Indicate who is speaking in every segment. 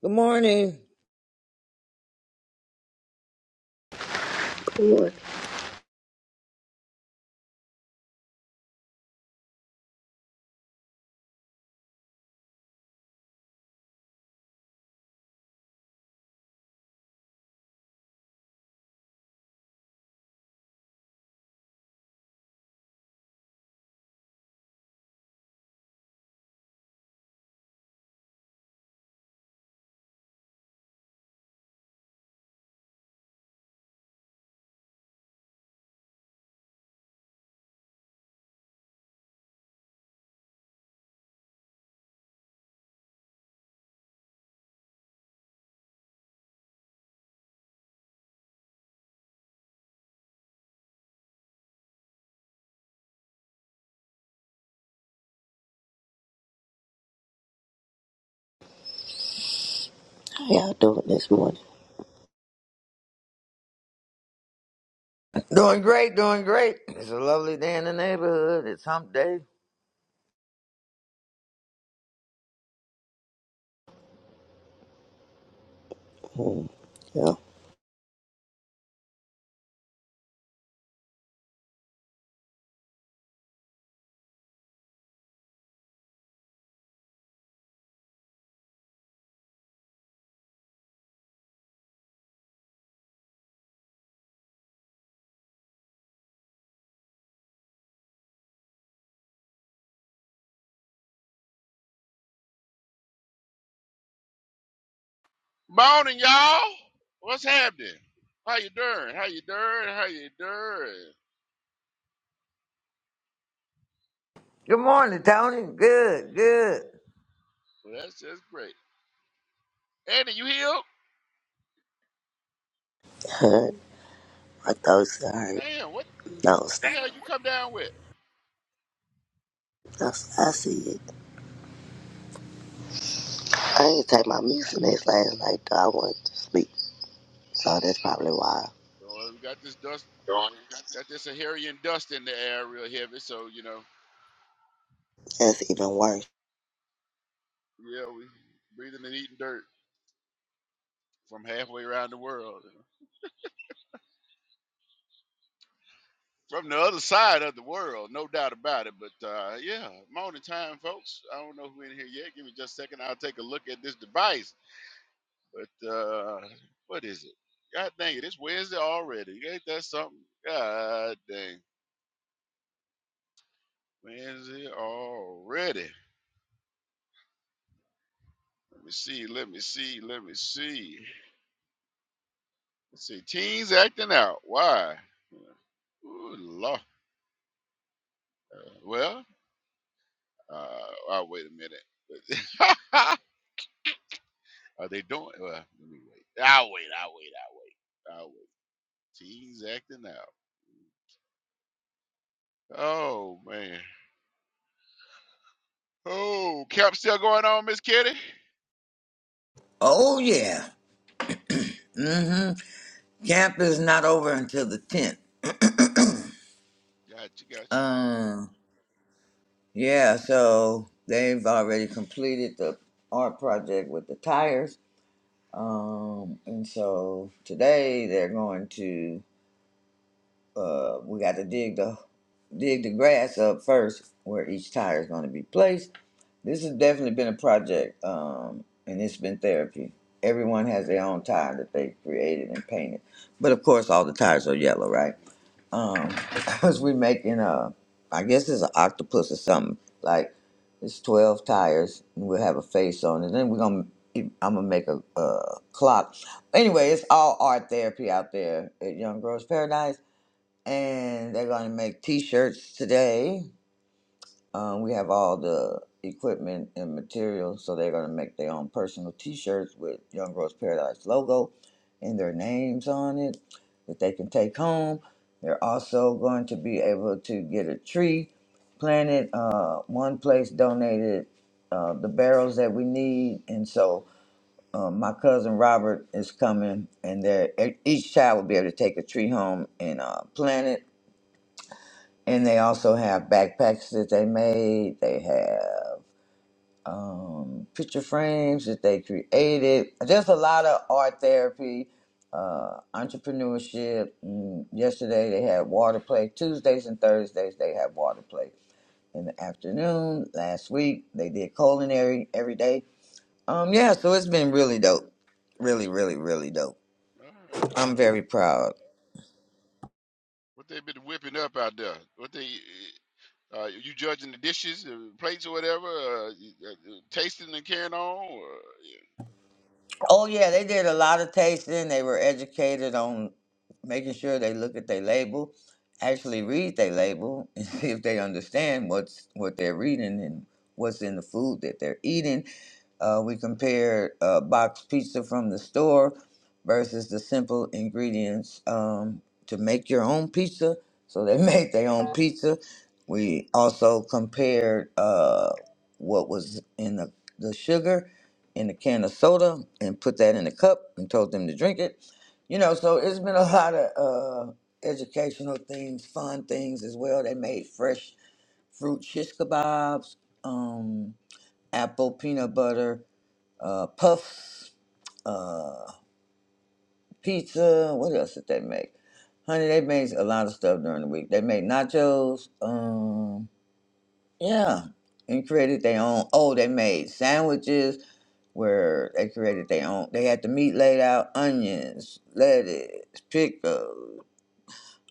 Speaker 1: Good morning.
Speaker 2: Lord, how y'all doing this morning?
Speaker 1: Doing great, doing great. It's a lovely day in the neighborhood. It's hump day.
Speaker 2: Mm, yeah,
Speaker 3: Morning, y'all. What's happening? How you doing? How you doing? How you doing?
Speaker 1: Good morning, Tony. Good, good.
Speaker 3: Well, that's just great. Andy, you healed?
Speaker 2: heard my thoughts. I heard
Speaker 3: Damn, what
Speaker 2: those.
Speaker 3: the hell you come down with?
Speaker 2: That's, I I see it. I didn't take my medicine this last night. Though. I wanted to sleep, so that's probably why.
Speaker 3: Oh, we got this dust, got this Saharian dust in the air real heavy, so, you know,
Speaker 2: That's even worse.
Speaker 3: yeah, we breathing and eating dirt from halfway around the world. you know. From the other side of the world, no doubt about it. But uh, yeah, morning time, folks. I don't know who in here yet. Give me just a second. I'll take a look at this device. But uh, what is it? God dang it, it's Wednesday already. Ain't that something? God dang. Wednesday already. Let me see, let me see, let me see. Let's see, teens acting out. Why? Ooh, Lord. Well, uh, I'll wait a minute. Are they doing? Well, let me wait. I'll wait, I'll wait, I'll wait. I'll wait. Teens acting out. Oh, man. Oh, camp still going on, Miss Kitty?
Speaker 1: Oh yeah. Mm-hmm. Camp is not over until the tenth.
Speaker 3: Gotcha, gotcha.
Speaker 1: Um yeah, so they've already completed the art project with the tires. Um and so today they're going to uh, we got to dig the dig the grass up first where each tire is going to be placed. This has definitely been a project, um, and it's been therapy. Everyone has their own tire that they created and painted, but of course, all the tires are yellow, right?
Speaker 3: hmm
Speaker 1: Um, because we are making a, I guess it's an octopus or something. Like it's twelve tires, and we'll have a face on it. Then we're gonna, I'm gonna make a, a clock. Anyway, it's all art therapy out there at Young Girls Paradise and they're going to make t-shirts today um, we have all the equipment and materials so they're going to make their own personal t-shirts with young girls paradise logo and their names on it that they can take home they're also going to be able to get a tree planted uh, one place donated uh, the barrels that we need and so um, my cousin Robert is coming, and they're- e-, each child will be able to take a tree home and uh, plant it and they also have backpacks that they made. They have um, picture frames that they created. Just a lot of art therapy, uh, entrepreneurship. Mm, Yesterday they had water play. Tuesdays and Thursdays they have water play in the afternoon. Last week they did culinary every day. Um, yeah, so it's been really dope. Really,
Speaker 3: Gotcha.
Speaker 1: really, really dope.
Speaker 3: All right,
Speaker 1: I'm
Speaker 3: all right.
Speaker 1: very proud.
Speaker 3: What they been whipping up out there? What they uh, you judging the dishes, uh, plates, or whatever? Uh, you- uh, uh, tasting and carrying on. Or, yeah.
Speaker 1: Oh yeah, they did a lot of tasting. They were educated on making sure they look at their label, actually read their label, and see if they understand what's what they're reading and what's in the food that they're eating. Uh, we compared uh, box pizza from the store versus the simple ingredients um, to make your own pizza. So they made their own pizza. We also compared uh, what was in the, the sugar in a can of soda and put that in a cup and told them to drink it. You know, so it's been a lot of uh, educational things, fun things as well. They made fresh fruit shish kebabs, um, apple peanut butter uh, puffs, uh, pizza. What else did they make? Honey, they made a lot of stuff during the week. They made nachos. Um, yeah, and created their own. Oh, they made sandwiches where they created their own. They had the meat laid out, onions, lettuce, pickles,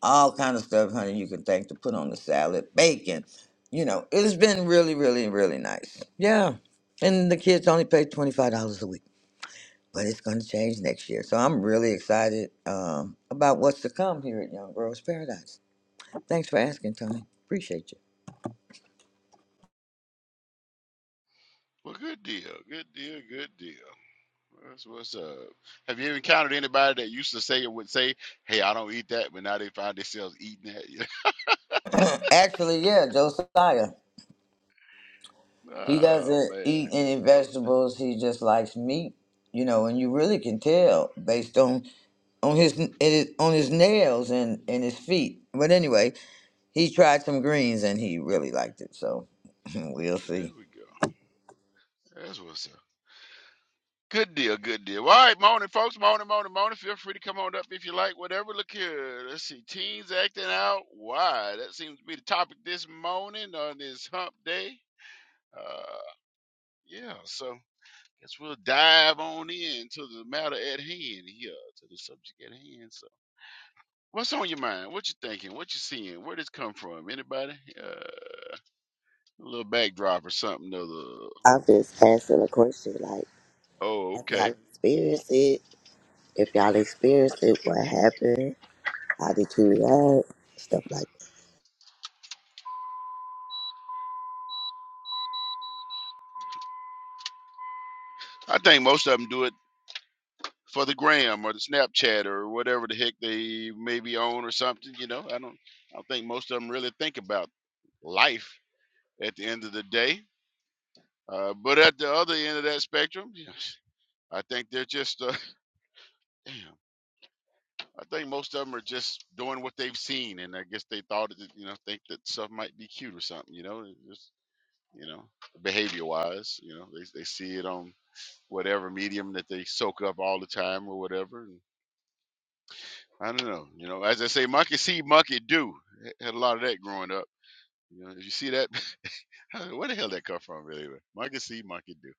Speaker 1: all kind of stuff, honey. You can think to put on the salad, bacon. You know, it's been really, really, really nice. Yeah, and the kids only pay twenty five dollars a week, but it's going to change next year. So I'm really excited um, about what's to come here at Young Girls Paradise. Thanks for asking, Tony. Appreciate you.
Speaker 3: Well, good deal, good deal, good deal. That's what's up. Have you ever encountered anybody that used to say or would say, "Hey, I don't eat that," but now they find themselves eating that?
Speaker 1: Actually, yeah, Josiah. He
Speaker 3: oh
Speaker 1: doesn't
Speaker 3: man,
Speaker 1: eat any
Speaker 3: no,
Speaker 1: vegetables. He just likes meat, you know, and you really can tell based on on his n- it- on his nails and and his feet. But anyway, he tried some greens and he really liked it. So we'll
Speaker 3: there
Speaker 1: see.
Speaker 3: we go. That's what's up. Good deal, good deal. Well, All right, morning, folks. Morning, morning, morning. Feel free to come on up if you like. Whatever. Look here. Let's see. Teens acting out. Why? That seems to be the topic this morning on this hump day. Uh, yeah, so guess we'll dive on in to the matter at hand here, to the subject at hand. So, what's on your mind? What you thinking? What you seeing? Where did it come from? Anybody? Uh, a little backdrop or something. Or the,
Speaker 2: I'm just asking a question. Like,
Speaker 3: oh,
Speaker 2: have y'all
Speaker 3: okay.
Speaker 2: experienced it? If y'all experienced it, what happened? How did you react? Stuff like
Speaker 3: I think most of them do it for the gram or the Snapchat or whatever the heck they maybe own or something. You know, I don't, I don't think most of them really think about life at the end of the day. Uh, but at the other end of that spectrum, you I think they're just, uh, damn, I think most of them are just doing what they've seen, and I guess they thought, that, you know, think that stuff might be cute or something. You know, it's just, you know, behavior wise, you know, they they see it on whatever medium that they soak up all the time or whatever. I don't know. You know, as I say, monkey see, monkey do. H- Had a lot of that growing up. You know, if you see that, I- where the hell that come from, really? but Monkey see, monkey do.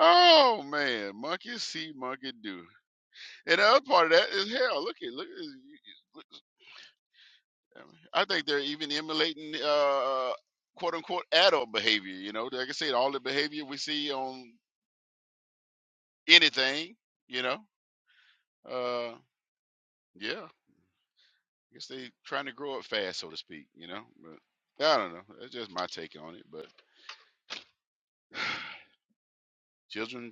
Speaker 3: Oh man, monkey see, monkey do. And the other part of that is hell. Look at look. at- you- you- look- I mean, I think they're even emulating uh, quote unquote adult behavior. You know, like I said, all the behavior we see on anything. You know, uh, yeah. I guess they trying to grow up fast, so to speak. You know, but I don't know. That's just my take on it, but. Children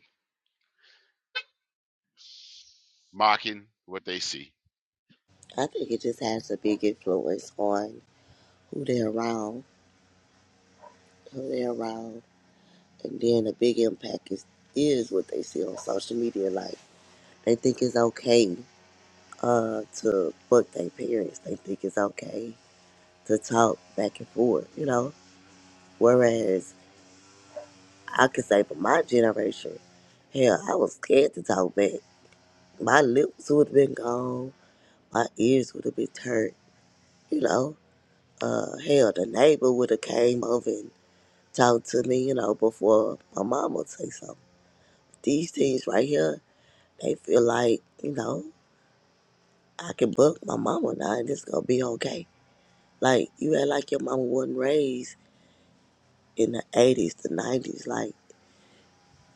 Speaker 3: mocking what they see.
Speaker 2: that. I think it just has a big influence on who they're around, who they're around, And then a big impact is, is what they see on social media. Like they think it's okay uh, to fuck their parents. They think it's okay to talk back and forth, you know. Whereas I could say for my generation, hell, I was scared to talk back. My lips would have been gone. My ears would have been hurt, you know. Uh, hell, the neighbor would have came over and talked to me, you know, before my mama say something. These things right here, they feel like, you know. I can book my mama now and it's gonna be okay. Like you act like your mama wasn't raised in the eighties, the nineties, like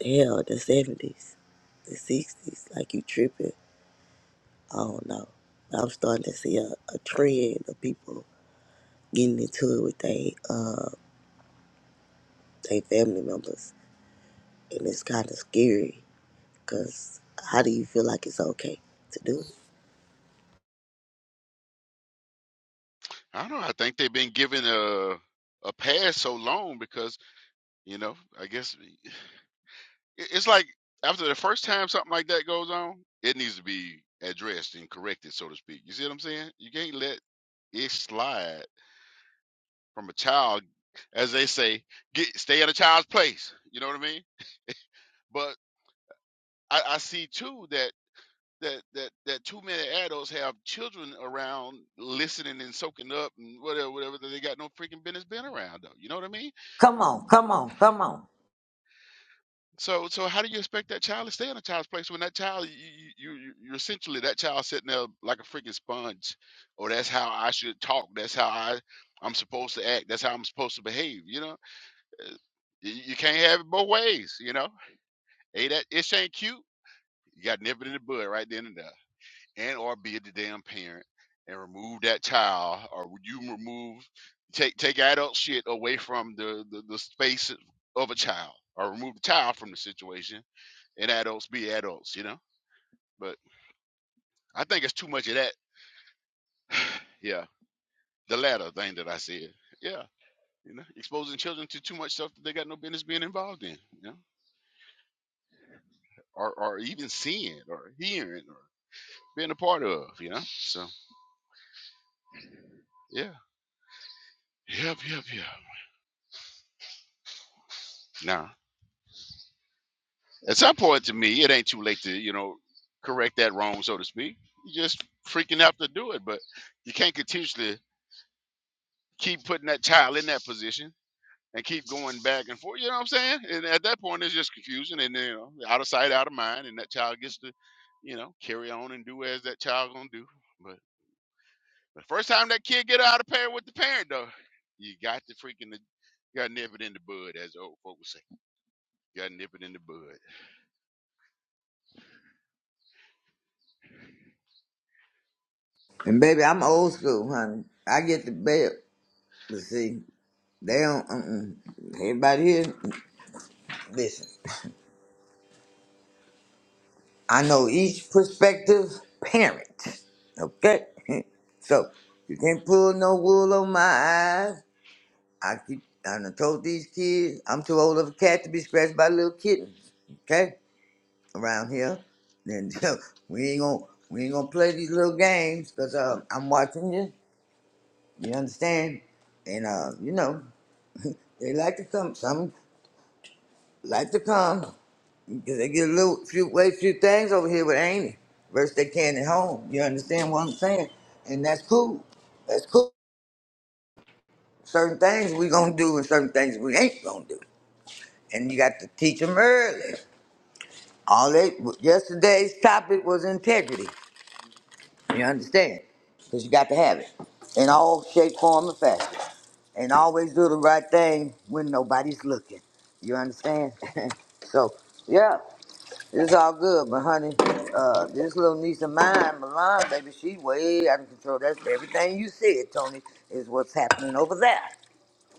Speaker 2: hell, the seventies, the sixties, like you tripping. I don't know. But I'm starting to see a, a trend of people getting into it with they uh they family members and it's kinda scary because how do you feel like it's okay to do it?
Speaker 3: I don't know. I think they've been given a a pass so long because you know. I guess i- it's like after the first time something like that goes on, it needs to be addressed and corrected, so to speak. You see what I'm saying? You can't let it slide from a child, as they say, get stay at a child's place. You know what I mean? But I, I see too that. that that that too many adults have children around listening and soaking up and whatever whatever that they got no freaking business being around though you know what i mean
Speaker 1: Come on, come on, come on.
Speaker 3: so so how do you expect that child to stay in a child's place when that child you, you you- you're essentially that child sitting there like a freaking sponge or that's how i should talk that's how i i'm supposed to act that's how i'm supposed to behave you know Uh, you, you can't have it both ways you know hey that it ain't cute you got nipping in the bud right then and there and or be the damn parent and remove that child or would you remove take take adult shit away from the, the the space of a child or remove the child from the situation and adults be adults you know but i think it's too much of that yeah the latter thing that i said yeah you know exposing children to too much stuff that they got no business being involved in you know or or even seeing or hearing or being a part of you know so yeah yep yep yep Nah, At some point, to me, it ain't too late to you know correct that wrong, so to speak. You just freaking have to do it, but you can't continuously keep putting that child in that position and keep going back and forth. You know what I'm saying? And at that point, it's just confusing, and you know, out of sight, out of mind, and that child gets to you know carry on and do as that child gonna do. But the first time that kid get out of pair with the parent, though, you got to freaking you got to nip it in the bud, as the old folks would say. You got to nip it in the bud.
Speaker 1: And baby, I'm old school, honey. I get the belt, but see, they don't. Uh-uh. Everybody here, listen. I know each prospective parent. Okay? so you can't pull no wool on my eyes. I keep I done told these kids I'm too old of a cat to be scratched by little kittens. Okay? Around here. Then we ain't gonna we ain't gonna play these little games because uh, I'm watching you. You understand? And uh, you know, they like to come some like to come. Because they get a little few way few things over here with Amy versus they can at home. You understand what I'm saying? And that's cool. That's cool. Certain things we gonna do and certain things we ain't gonna do. And you got to teach them early. All they yesterday's topic was integrity. You understand? Because you got to have it in all shape, form, and fashion. And always do the right thing when nobody's looking. You understand? so yeah, It's all good, but honey, uh, this little niece of mine, Milan, baby, she way out of control. That's everything you said, Tony, is what's happening over there.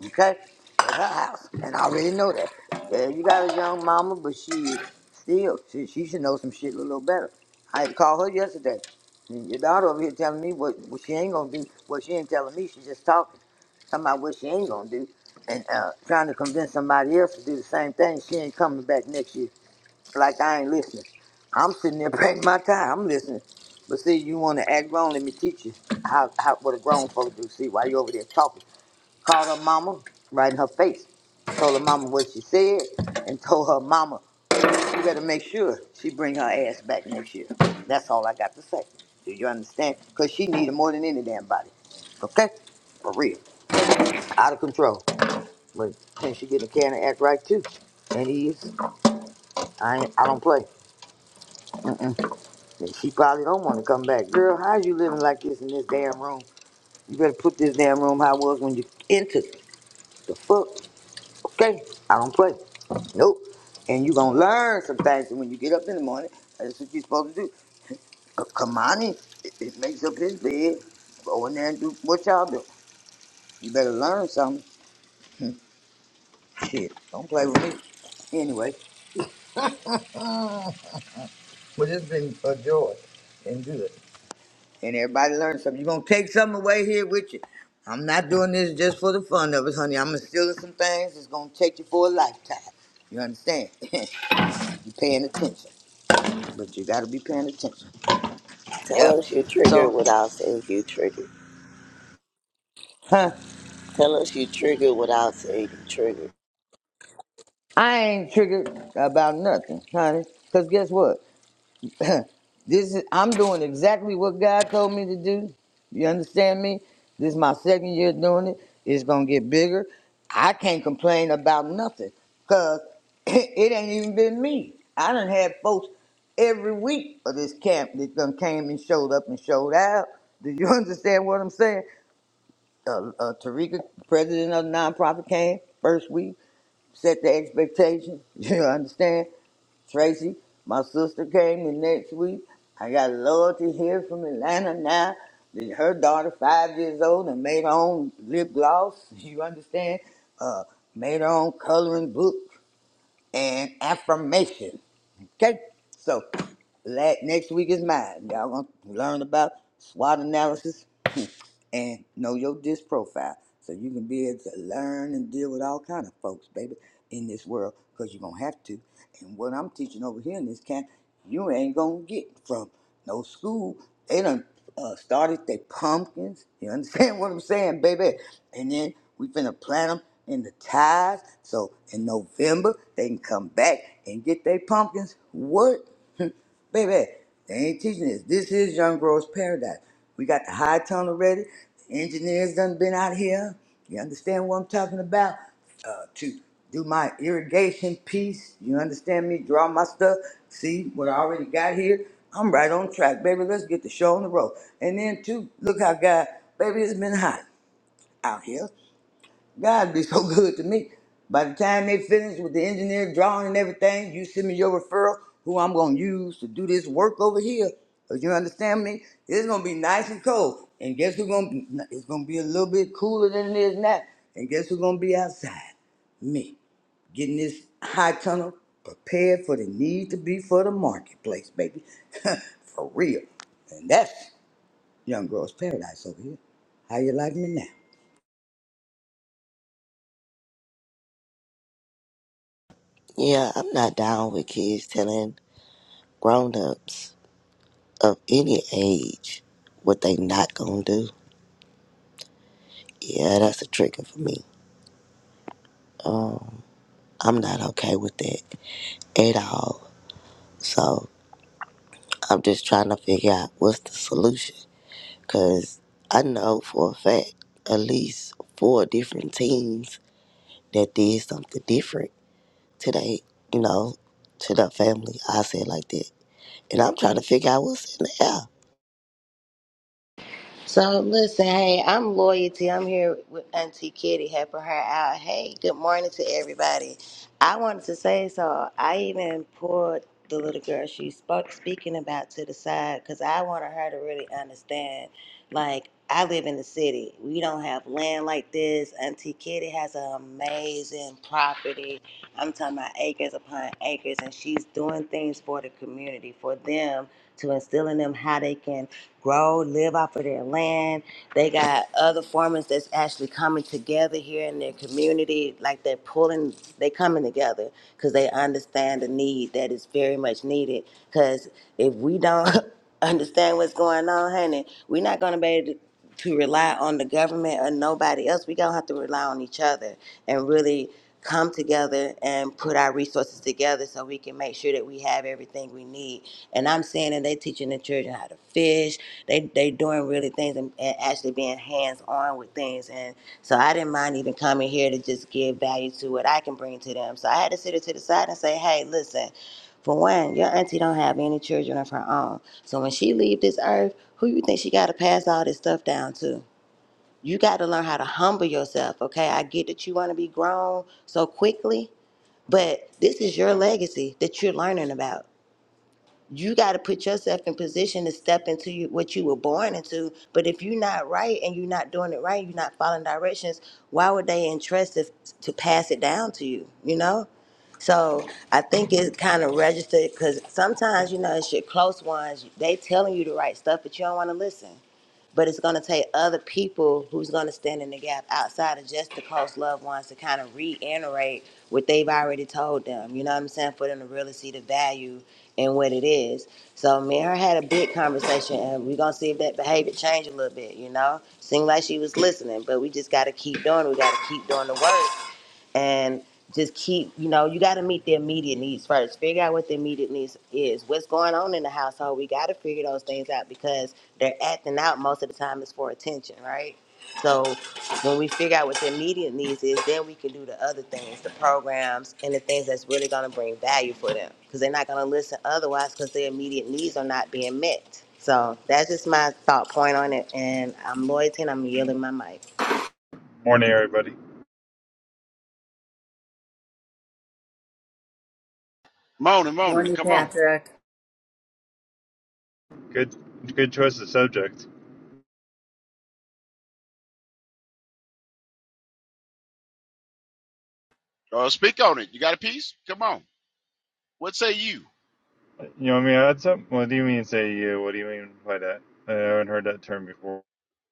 Speaker 1: Okay? At her house. And I already know that. Yeah, you got a young mama, but she still, she, she should know some shit a little better. I had to call her yesterday. And Your daughter over here telling me what, what she ain't gonna do. What she ain't telling me, she just talking, talking about what she ain't gonna do. And uh, trying to convince somebody else to do the same thing. She ain't coming back next year like I ain't listening. I'm sitting there paying my time. I'm listening. But see, you want to act grown, let me teach you how, how what a grown folk do. See, why you over there talking? Called her mama right in her face. Told her mama what she said and told her mama, you better make sure she bring her ass back next year. That's all I got to say. Do you understand? Because she needed more than any damn body. Okay? For real. Out of control. But since she getting a can and act right too. And he is. I, ain't, I don't play. And she probably don't want to come back. Girl, how you living like this in this damn room? You better put this damn room how it was when you entered. The fuck? Okay, I don't play. Nope. And you gonna learn some things when you get up in the morning. That's what you're supposed to do. C- Kamani, it, it makes up his bed. Go in there and do what y'all do. You better learn something. Shit, don't play with me. Anyway, mm, but it's been a joy and good. and everybody learn something. You're gonna take something away here with you. I'm not doing this just for the fun of it, honey. I'm instilling some things that's gonna take you for a lifetime. You understand? you paying attention, but you gotta be paying attention.
Speaker 2: Tell
Speaker 1: Yep.
Speaker 2: us you triggered
Speaker 1: So,
Speaker 2: without saying you triggered.
Speaker 1: huh,
Speaker 2: Tell us you triggered without saying you triggered.
Speaker 1: I ain't triggered about nothing, honey. Cause guess what? this is I'm doing exactly what God told me to do. You understand me? This is my second year doing it. It's gonna get bigger. I can't complain about nothing because it ain't even been me. I done had folks every week of this camp that done came and showed up and showed out. Do you understand what I'm saying? Uh, uh, Tarika, president of the nonprofit, came first week, set the expectation. You understand? Tracy, my sister came in next week. I got Loyalty here from Atlanta now. Her daughter, five years old, and made her own lip gloss. You understand? Uh, made her own coloring book and affirmation. Okay, so la next week is mine. Y'all gonna learn about SWOT analysis and know your disc profile so you can be able to learn and deal with all kind of folks, baby, in this world because you're going to have to. And what I'm teaching over here in this camp, you ain't going to get from no school. They done uh, started their pumpkins. You understand what I'm saying, baby? And then we finna plant them in the ties so in November they can come back and get their pumpkins. What? Baby, they ain't teaching this. This is Young Girl's Paradise. We got the high tunnel ready. The engineers done been out here. You understand what I'm talking about? Uh, to do my irrigation piece. You understand me? Draw my stuff. See what I already got here. I'm right on track, baby. Let's get the show on the road. And then too, look how God, baby, it's been hot out here. God be so good to me. By the time they finish with the engineer drawing and everything, you send me your referral, who I'm gonna use to do this work over here. Do you understand me? It's gonna be nice and cold, and guess who's gonna? Be, it's gonna be a little bit cooler than it is now, and guess who's gonna be outside? Me, getting this high tunnel prepared for the need to be for the marketplace, baby, for real. And that's young girl's paradise over here. How you like me now?
Speaker 2: Yeah, I'm not down with kids telling grown ups of any age what they not gonna do. Yeah, that's a trigger for me. Um, I'm not okay with that at all. So I'm just trying to figure out what's the solution. Cause I know for a fact at least four different teens that did something different today, you know, to their family. I said like that. And I'm trying to figure out what's in the air.
Speaker 1: So listen, hey, I'm loyalty. I'm here with Auntie Kitty, helping her out. Hey, good morning to everybody. I wanted to say so. I even pulled the little girl she spoke speaking about to the side because I wanted her to really understand. Like I live in the city, we don't have land like this. Auntie Kitty has an amazing property. I'm talking about acres upon acres, and she's doing things for the community, for them to instill in them how they can grow, live off of their land. They got other farmers that's actually coming together here in their community, like they're pulling, they coming together because they understand the need that is very much needed. Because if we don't understand what's going on, honey, we're not gonna be able to. To rely on the government or nobody else, we gonna have to rely on each other and really come together and put our resources together so we can make sure that we have everything we need. And I'm saying that they teaching the children how to fish. They they doing really things and, and actually being hands on with things. And so I didn't mind even coming here to just give value to what I can bring to them. So I had to sit it to the side and say, hey, listen. For one, your auntie don't have any children of her own. So when she leave this earth, who you think she got to pass all this stuff down to? you got to learn how to humble yourself okay i get that you want to be grown so quickly but this is your legacy that you're learning about you got to put yourself in position to step into you, what you were born into but if you're not right and you're not doing it right you're not following directions why would they entrust it to pass it down to you you know so i think it kind of registered because sometimes you know it's your close ones they telling you the right stuff but you don't want to listen but it's going to take other people who's going to stand in the gap outside of just the close loved ones to kind of reiterate what they've already told them. You know what I'm saying? For them to really see the value in what it is. So me and her had a big conversation, and we're gonna see if that behavior change a little bit. You know, seemed like she was listening, but we just got to keep doing. it. We got to keep doing the work and just keep, you know, you got to meet their immediate needs first. Figure out what the immediate needs is. What's going on in the household? We got to figure those things out because they're acting out most of the time is for attention, right? So when we figure out what the immediate needs is, then we can do the other things, the programs and the things that's really going to bring value for them because they're not going to listen otherwise because their immediate needs are not being met. So that's just my thought point on it. And I'm Loyalty and I'm yielding my mic.
Speaker 4: Morning, everybody.
Speaker 3: Morning, morning,
Speaker 5: Morning,
Speaker 3: come on.
Speaker 5: Patrick.
Speaker 4: Good, good choice of subject.
Speaker 3: Uh, speak on it. You got a piece? Come on. What say you?
Speaker 4: You want me to add something? Well, What do you mean, say you? What do you mean by that? I haven't heard that term before.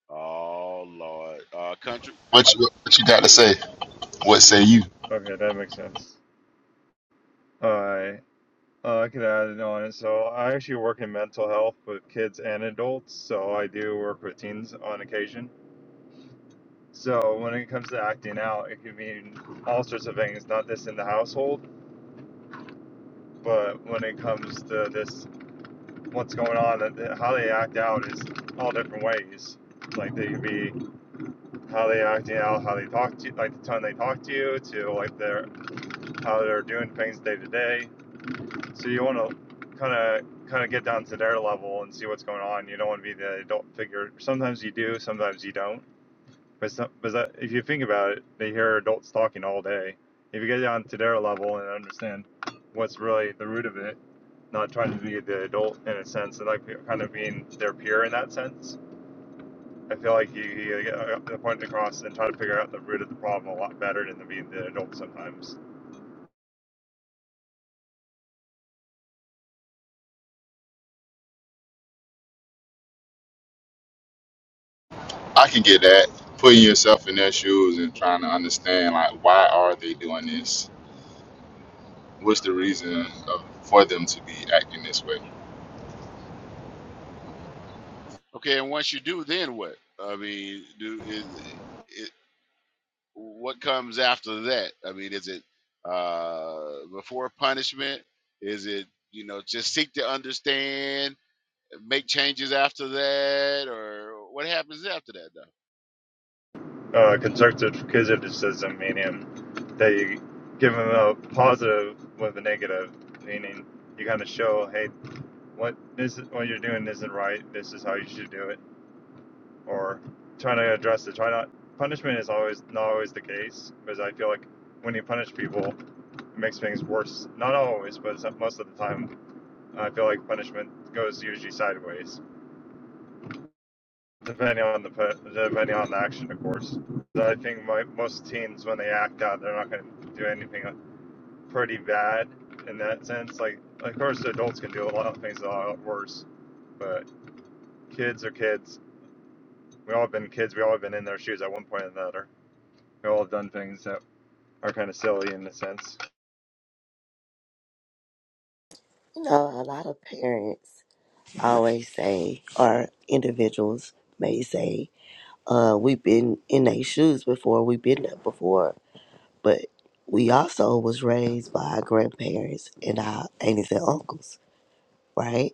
Speaker 3: Oh Lord, uh, country.
Speaker 6: What you, what you got to say? What say you?
Speaker 4: Okay, that makes sense. I, uh, I could add it on. So I actually work in mental health with kids and adults. So I do work with teens on occasion. So when it comes to acting out, it can mean all sorts of things, not just in the household, but when it comes to this, what's going on, how they act out is all different ways. Like they could be how they acting out, how they talk to you, like the time they talk to you, to like their how they're doing things day to day. So you want to kind of kind of get down to their level and see what's going on. You don't want to be the adult figure. Sometimes you do, sometimes you don't. But some, but that, if you think about it, they hear adults talking all day. If you get down to their level and understand what's really the root of it, not trying to be the adult in a sense, and like kind of being their peer in that sense I feel like you, you get the point across and try to figure out the root of the problem a lot better than the being the adult sometimes.
Speaker 6: I can get that. Putting yourself in their shoes and trying to understand, like, why are they doing this? What's the reason of, for them to be acting this way?
Speaker 3: Okay, and once you do, then what? I mean, do is it, what comes after that? I mean, is it uh, before punishment? Is it you know just seek to understand, make changes after that, or what happens after that though?
Speaker 4: Uh, constructive criticism meaning that you give them a positive with a negative, meaning you kind of show, hey, what this is, what you're doing isn't right. This is how you should do it, or trying to address it. Try not punishment is always not always the case because I feel like when you punish people, it makes things worse. Not always, but most of the time, I feel like punishment goes usually sideways depending on the depending on the action, of course. So I think my, most teens, when they act out, they're not going to do anything pretty bad in that sense. Like, of course, adults can do a lot of things a lot worse, but kids are kids. We all have been kids. We all have been in their shoes at one point or another. We all have done things that are kind of silly in a sense.
Speaker 2: You know, a lot of parents I always say, or individuals may say, uh, we've been in their shoes before, we've been there before, but we also was raised by our grandparents and our aunties and uncles, right?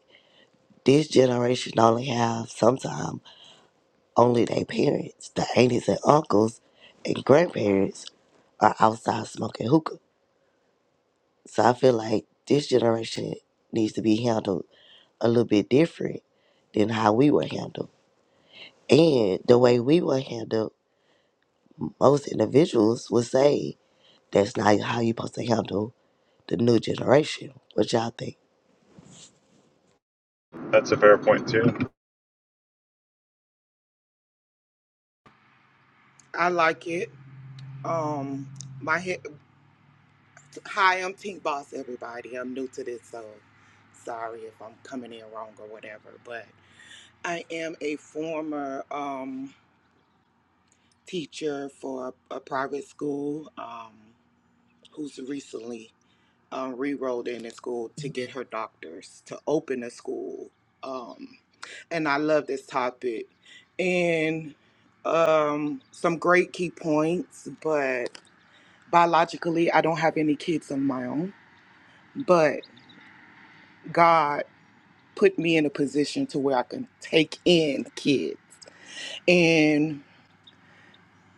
Speaker 2: This generation only have sometimes only their parents, the aunties and uncles and grandparents are outside smoking hookah. So I feel like this generation needs to be handled a little bit different than how we were handled. And the way we were handled, most individuals would say that's not how you're supposed to handle the new generation. What y'all think?
Speaker 4: That's a fair point too.
Speaker 7: I like it. Um, my head. Hi, I'm Pink Boss. Everybody, I'm new to this, so sorry if I'm coming in wrong or whatever. But I am a former um, teacher for a, a private school um, who's recently um, re-rolled in the school to get her doctors to open a school. Um, and I love this topic and um, some great key points, but. biologically i don't have any kids of my own but god put me in a position to where i can take in kids and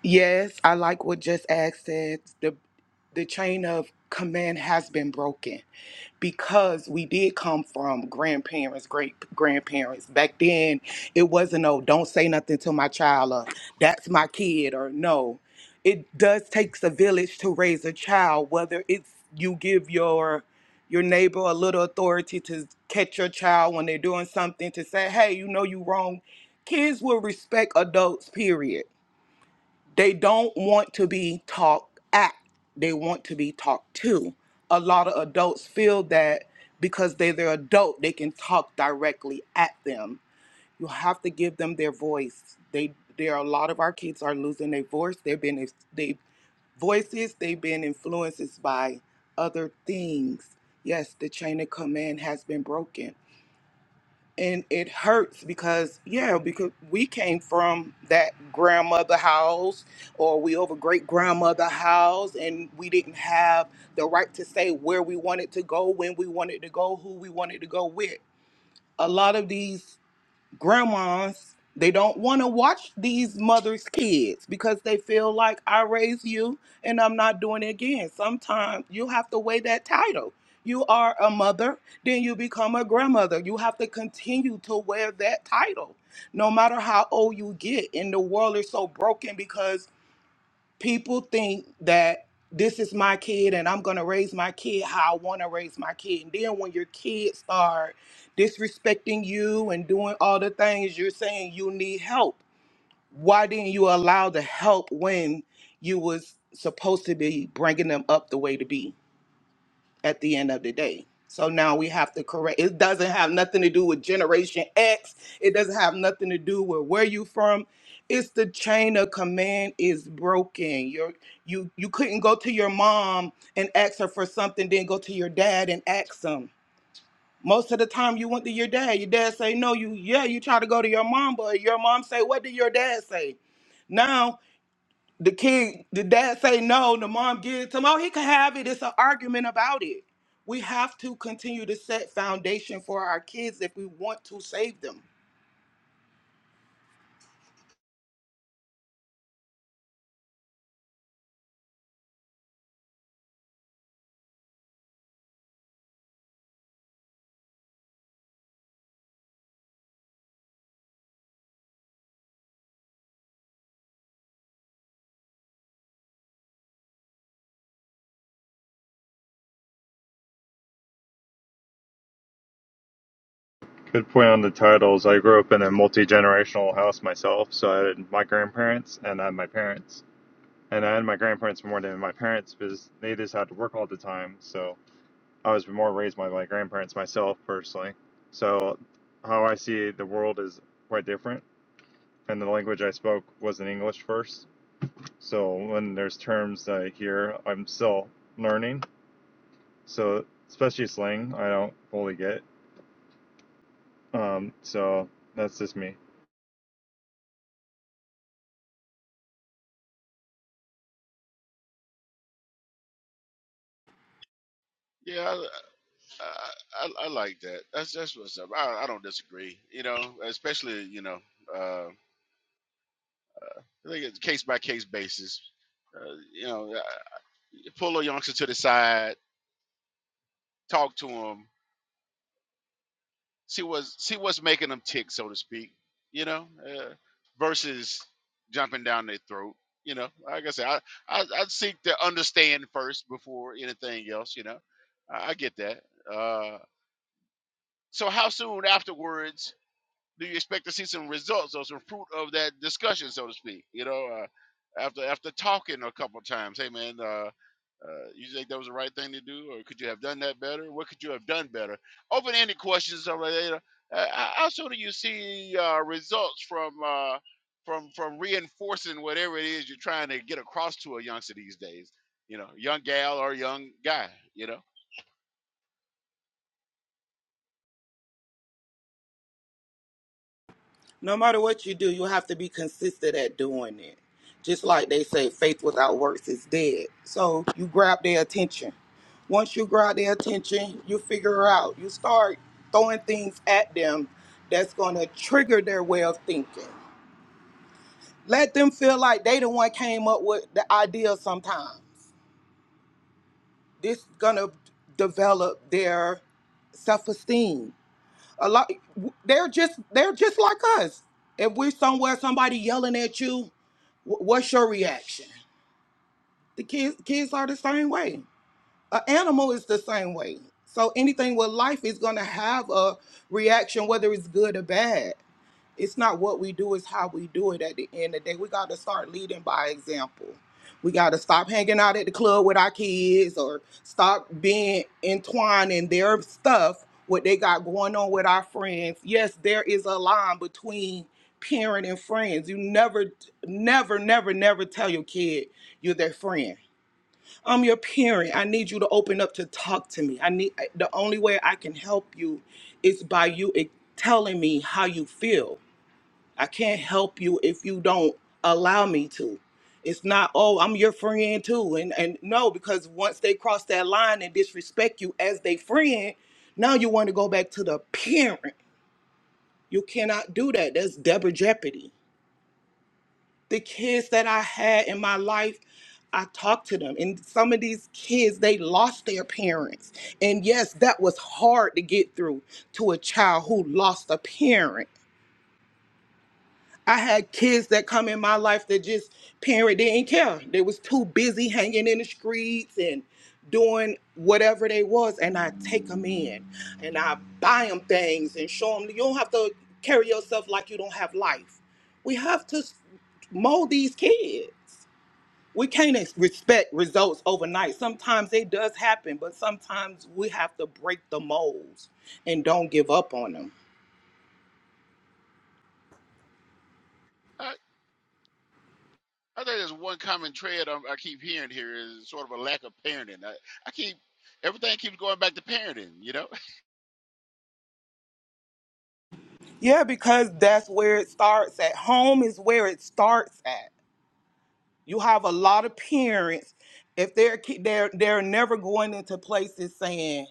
Speaker 7: yes i like what just asked said the the chain of command has been broken because we did come from grandparents, great grandparents. Back then, it wasn't, oh, don't say nothing to my child, or that's my kid, or no. It does takes a village to raise a child, whether it's you give your your neighbor a little authority to catch your child when they're doing something to say, hey, you know you wrong. Kids will respect adults, period they don't want to be talked at, they want to be talked to. A lot of adults feel that because they, they're adult, they can talk directly at them. You have to give them their voice. They there are a lot of our kids are losing their voice. They've been they voices, they've been influences by other things. Yes, the chain of command has been broken and it hurts because yeah because we came from that grandmother house or we over great grandmother house and we didn't have the right to say where we wanted to go when we wanted to go who we wanted to go with a lot of these grandmas they don't want to watch these mothers kids because they feel like i raised you and i'm not doing it again sometimes you have to weigh that title you are a mother then you become a grandmother you have to continue to wear that title no matter how old you get and the world is so broken because people think that this is my kid and I'm gonna raise my kid how I wanna raise my kid. And then when your kids start disrespecting you and doing all the things you're saying you need help, why didn't you allow the help when you was supposed to be bringing them up the way to be? at the end of the day. So now we have to correct. It doesn't have nothing to do with Generation X. It doesn't have nothing to do with where you from. It's the chain of command is broken. You're, you you couldn't go to your mom and ask her for something, then go to your dad and ask them. Most of the time, you went to your dad. Your dad say no. You yeah. You try to go to your mom, but your mom say what did your dad say? Now. The kid, the dad say no, the mom gives it to him. Oh, he can have it. It's an argument about it. We have to continue to set foundation for our kids if we want to save them.
Speaker 4: Good point on the titles. I grew up in a multi generational house myself, so I had my grandparents and I had my parents And I had my grandparents more than my parents because they just had to work all the time. So I was more raised by my grandparents myself personally. So how I see the world is quite different. And the language I spoke was in English first. So when there's terms that I hear, I'm still learning. So especially slang, I don't fully get. Um, so that's just me.
Speaker 3: Yeah, I, I, I, I like that. That's that's what's up. I, I don't disagree. You know, especially you know. uh, I think it's case by case basis. Uh, you know, uh, pull a youngster to the side, talk to him, see what's see what's making them tick, so to speak. You know, uh, versus jumping down their throat. You know, like I said, I, I I seek to understand first before anything else. You know, I, I get that. Uh, so, how soon afterwards do you expect to see some results or some fruit of that discussion, so to speak? You know, uh, after after talking a couple of times, hey man. Uh, Uh, you think that was the right thing to do, or could you have done that better? What could you have done better? Open-ended questions are later. Uh, how soon do you see uh, results from uh, from from reinforcing whatever it is you're trying to get across to a youngster these days? You know, young gal or young guy. You know,
Speaker 7: No matter what you do, you have to be consistent at doing it. Just like they say, faith without works is dead. So you grab their attention. Once you grab their attention, you figure out. You start throwing things at them that's going to trigger their way of thinking. Let them feel like they the one came up with the idea sometimes. This gonna develop their self-esteem. A lot they're just they're just like us. If we're somewhere somebody yelling at you, wh- what's your reaction? The kids kids are the same way. An animal is the same way. So anything with life is gonna have a reaction, whether it's good or bad. It's not what we do, it's how we do it at the end of the day. We got to start leading by example. We got to stop hanging out at the club with our kids or stop being entwined in their stuff, what they got going on with our friends. Yes, there is a line between parent and friends. You never, never, never, never tell your kid you're their friend. I'm your parent. I need you to open up to talk to me. I need the only way I can help you is by you e- telling me how you feel. I can't help you if you don't allow me to. It's not, oh, I'm your friend too. And and no, because once they cross that line and disrespect you as they friend, now you want to go back to the parent. You cannot do that. That's double jeopardy. The kids that I had in my life, I talked to them. And some of these kids, they lost their parents. And yes, that was hard to get through to a child who lost a parent I had kids that come in my life that just parent didn't care. They was too busy hanging in the streets and doing whatever they was, and I take them in and I buy them things and show them you don't have to carry yourself like you don't have life. We have to s- mold these kids. We can't ex- respect results overnight. Sometimes it does happen, but sometimes we have to break the molds and don't give up on them.
Speaker 3: I, I think there's one common thread i I keep hearing here is sort of a lack of parenting. I, I keep everything keeps going back to parenting. You know,
Speaker 7: Yeah, because that's where it starts at. Home is where it starts at. You have a lot of parents if they're ki- they're they're never going into places saying,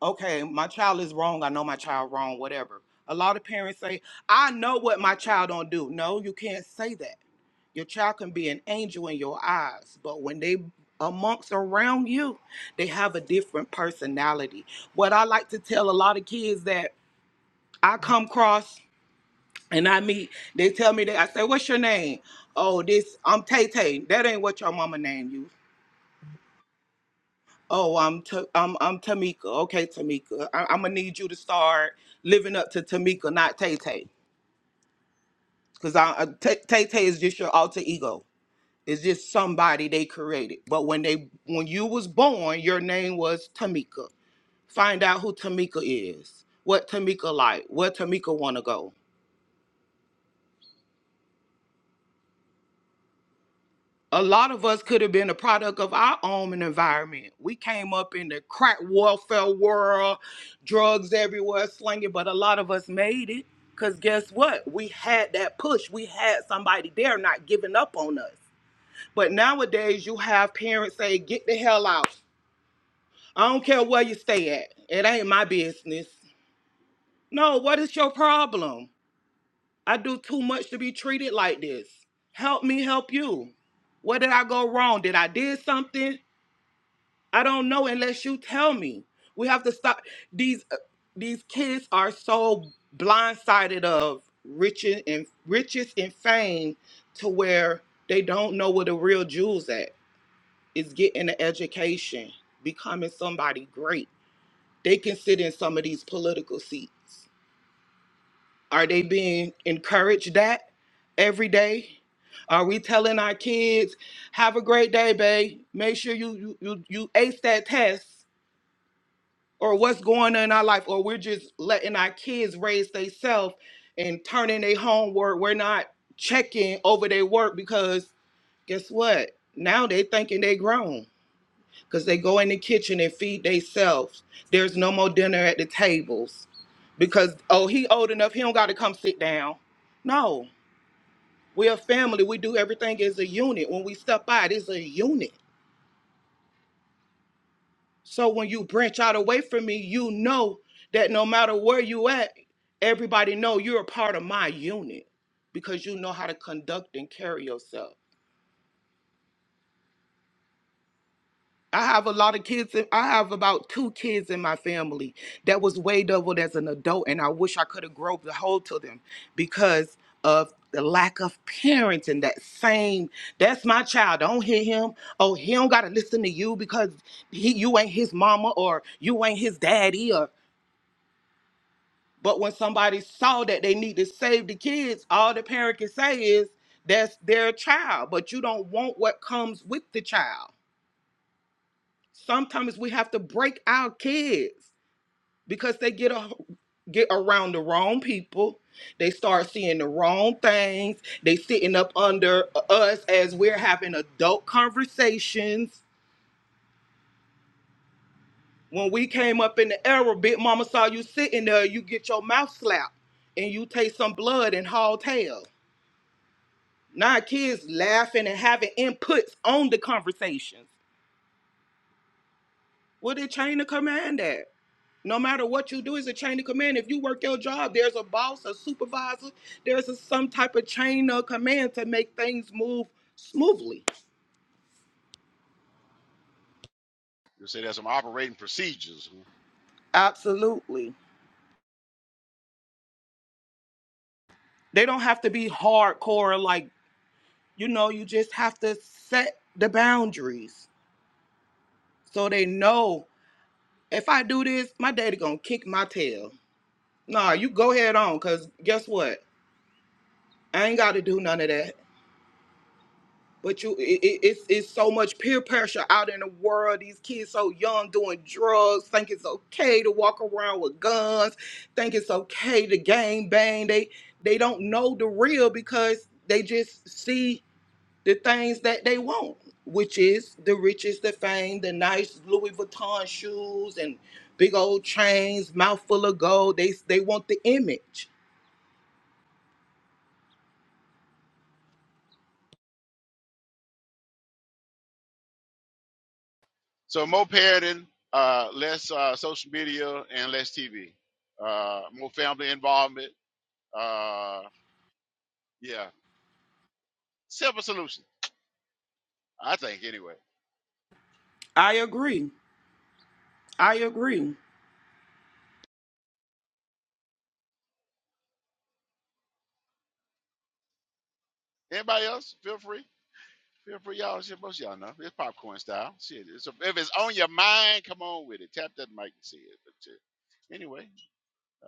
Speaker 7: "Okay, my child is wrong. I know my child wrong, whatever." A lot of parents say, "I know what my child don't do." No, you can't say that. Your child can be an angel in your eyes, but when they amongst around you, they have a different personality. What I like to tell a lot of kids that I come across and I meet, they tell me that I say, "What's your name?" Oh, this I'm Tay Tay. That ain't what your mama named you. Oh, I'm Ta- I'm I'm Tamika. Okay, Tamika. I- I'm gonna need you to start living up to Tamika, not Tay Tay, because I uh, Tay Tay Tay is just your alter ego. It's just somebody they created. But when they when you was born, your name was Tamika. Find out who Tamika is. What Tamika like? Where Tamika wanna go? a lot of us could have been a product of our own environment. We came up in the crack warfare world, drugs everywhere, slinging, but a lot of us made it. Because guess what? We had that push. We had somebody there not giving up on us. But nowadays, you have parents say, get the hell out. I don't care where you stay at. It ain't my business. No, what is your problem? I do too much to be treated like this. Help me help you. Where did I go wrong? Did I did something? I don't know unless you tell me. We have to stop these uh, these kids are so blindsided of riches and riches and fame to where they don't know where the real jewels at. Is getting an education, becoming somebody great. They can sit in some of these political seats. Are they being encouraged that every day? Are we telling our kids, have a great day, babe? Make sure you you you, you ace that test or what's going on in our life, or we're just letting our kids raise themselves and turning their homework. We're not checking over their work because guess what? Now they thinking they grown because they go in the kitchen and feed themselves. There's no more dinner at the tables because oh he old enough he don't got to come sit down. No, we're a family. We do everything as a unit. When we step out, it's a unit. So when you branch out away from me, you know that no matter where you at, everybody know you're a part of my unit because you know how to conduct and carry yourself. I have a lot of kids. in- I have about two kids in my family that was way doubled as an adult, and I wish I could have groped the hold to them because of the lack of parents and that same. That's my child. Don't hit him. Oh, he don't gotta listen to you because he you ain't his mama or you ain't his daddy But when somebody saw that they need to save the kids, all the parent can say is that's their child, but you don't want what comes with the child. Sometimes we have to break our kids because they get a, get around the wrong people. They start seeing the wrong things. They sitting up under us as we're having adult conversations. When we came up in the era, Big Mama saw you sitting there, you get your mouth slapped and you take some blood and haul tail. Now kids laughing and having inputs on the conversations. Well, they chain of command that. No matter what you do, it's a chain of command. If you work your job, there's a boss, a supervisor, there's a, some type of chain of command to make things move smoothly.
Speaker 3: you say there's some operating procedures.
Speaker 7: Absolutely. They don't have to be hardcore, like, you know, you just have to set the boundaries so they know if I do this, my daddy gonna kick my tail. Nah, you go head on, because guess what? I ain't got to do none of that. But you, it, it, it's it's so much peer pressure out in the world. These kids so young doing drugs, think it's okay to walk around with guns, think it's okay to gang bang. They they don't know the real because they just see the things that they want, which is the riches, the fame, the nice Louis Vuitton shoes and big old chains, mouth full of gold. They they want the image.
Speaker 3: So more parenting, uh, less uh, social media and less TV, uh, more family involvement. Uh, yeah, simple solution, I think. Anyway,
Speaker 7: I agree. I agree.
Speaker 3: anybody else? Feel free, feel free, y'all. Shit, most of y'all know it's popcorn style. Shit, it's, if it's on your mind, come on with it. Tap that mic and see it. But shit. anyway,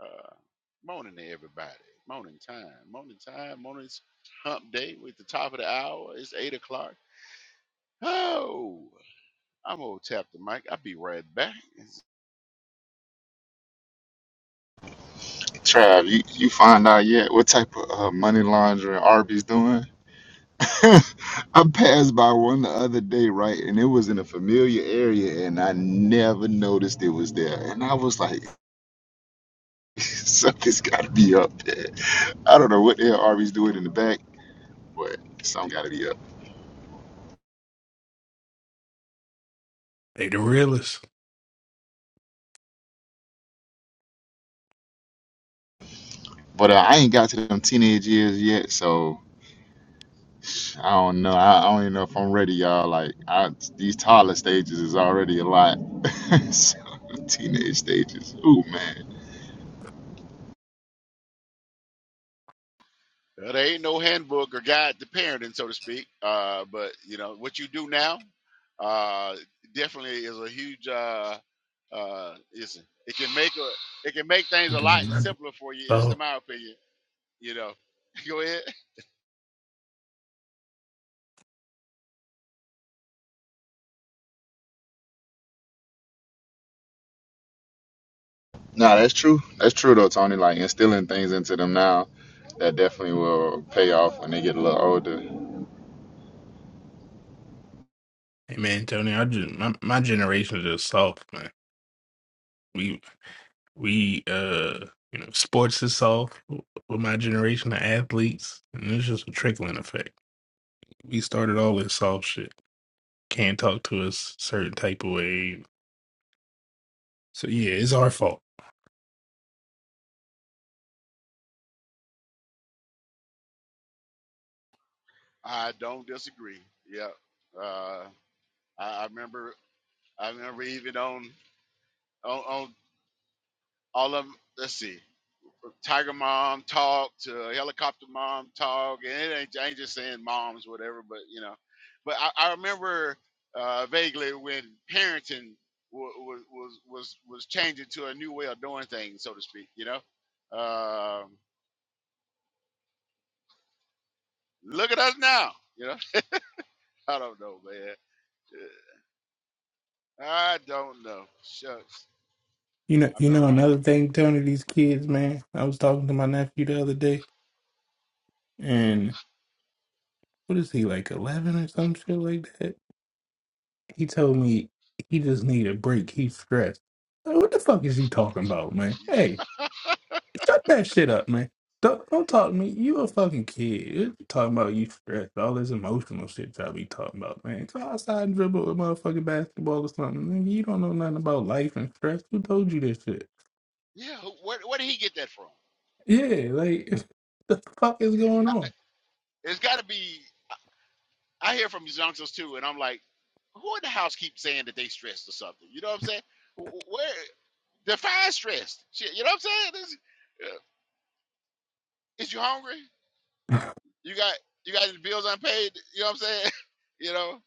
Speaker 3: uh, morning to everybody. Morning time, morning time, morning's hump day. We're at the top of the hour. It's eight o'clock. Oh. I'm gonna tap the mic. I'll be right back.
Speaker 6: Trav, you, you find out yet what type of uh, money laundering Arby's doing? I passed by one the other day, right, and it was in a familiar area, and I never noticed it was there. And I was like, something's got to be up there. I don't know what the hell Arby's doing in the back, but something got to be up.
Speaker 8: They the realest.
Speaker 6: But uh, I ain't got to them teenage years yet, so I don't know. I, I don't even know if I'm ready, y'all. Like I, these toddler stages is already a lot. so teenage stages, ooh man.
Speaker 3: Well, there ain't no handbook or guide to parenting, so to speak. Uh, but you know what you do now, uh, definitely is a huge. Uh, uh, it's, it can make a, it can make things
Speaker 8: They
Speaker 3: a lot simpler for you. It's Just
Speaker 8: So,
Speaker 3: in my opinion, you know. Go ahead.
Speaker 6: Nah, that's true. That's true though, Tony. Like instilling things into them now that definitely will pay off when they get a little older.
Speaker 8: hey man, Tony, I just my, my generation is just soft, man. We we uh you know sports is soft with my generation of athletes, and it's just a trickling effect. We started all this soft shit. Can't talk to us certain type of way. So yeah, it's our fault.
Speaker 3: I don't disagree. Yeah. Uh, I, I remember. I remember even on on, on all of. 'em- Let's see. Tiger Mom talk to Helicopter Mom talk, and it ain't I ain't just saying moms whatever, but you know, but I, I remember uh, vaguely when parenting was, was was was changing to a new way of doing things, so to speak. You know, um, look at us now. You know, I don't know, man. I don't know. Shucks,
Speaker 8: You know,
Speaker 3: I
Speaker 8: you
Speaker 3: remember
Speaker 8: know
Speaker 3: my
Speaker 8: another thing, Tony. These kids, man. I was talking to my nephew the other day, and what is he like, eleven or some shit like that? He told me he just need a break. He's stressed. Like, what the fuck is you talking about, man?
Speaker 3: bruh.
Speaker 8: Hey, shut that shit up, man. Don't, don't talk to me. You a fucking kid. You talking about you stressed. All this emotional shit y'all be talking about, man. Go outside and dribble a motherfucking basketball or something. Nigga, You don't know nothing about life and stress. Who told you this shit?
Speaker 3: Yeah, who- where where did he get that from?
Speaker 8: Yeah, like the fuck is going on?
Speaker 3: It's got to be. I hear from these youngsters too, and I'm like, who in the house keeps saying that they stressed or something? You know what I'm saying? W- w- Where define stressed? Shit, you know what I'm saying? This, yeah. is you hungry? You got you got your bills unpaid? You know what I'm saying? You know,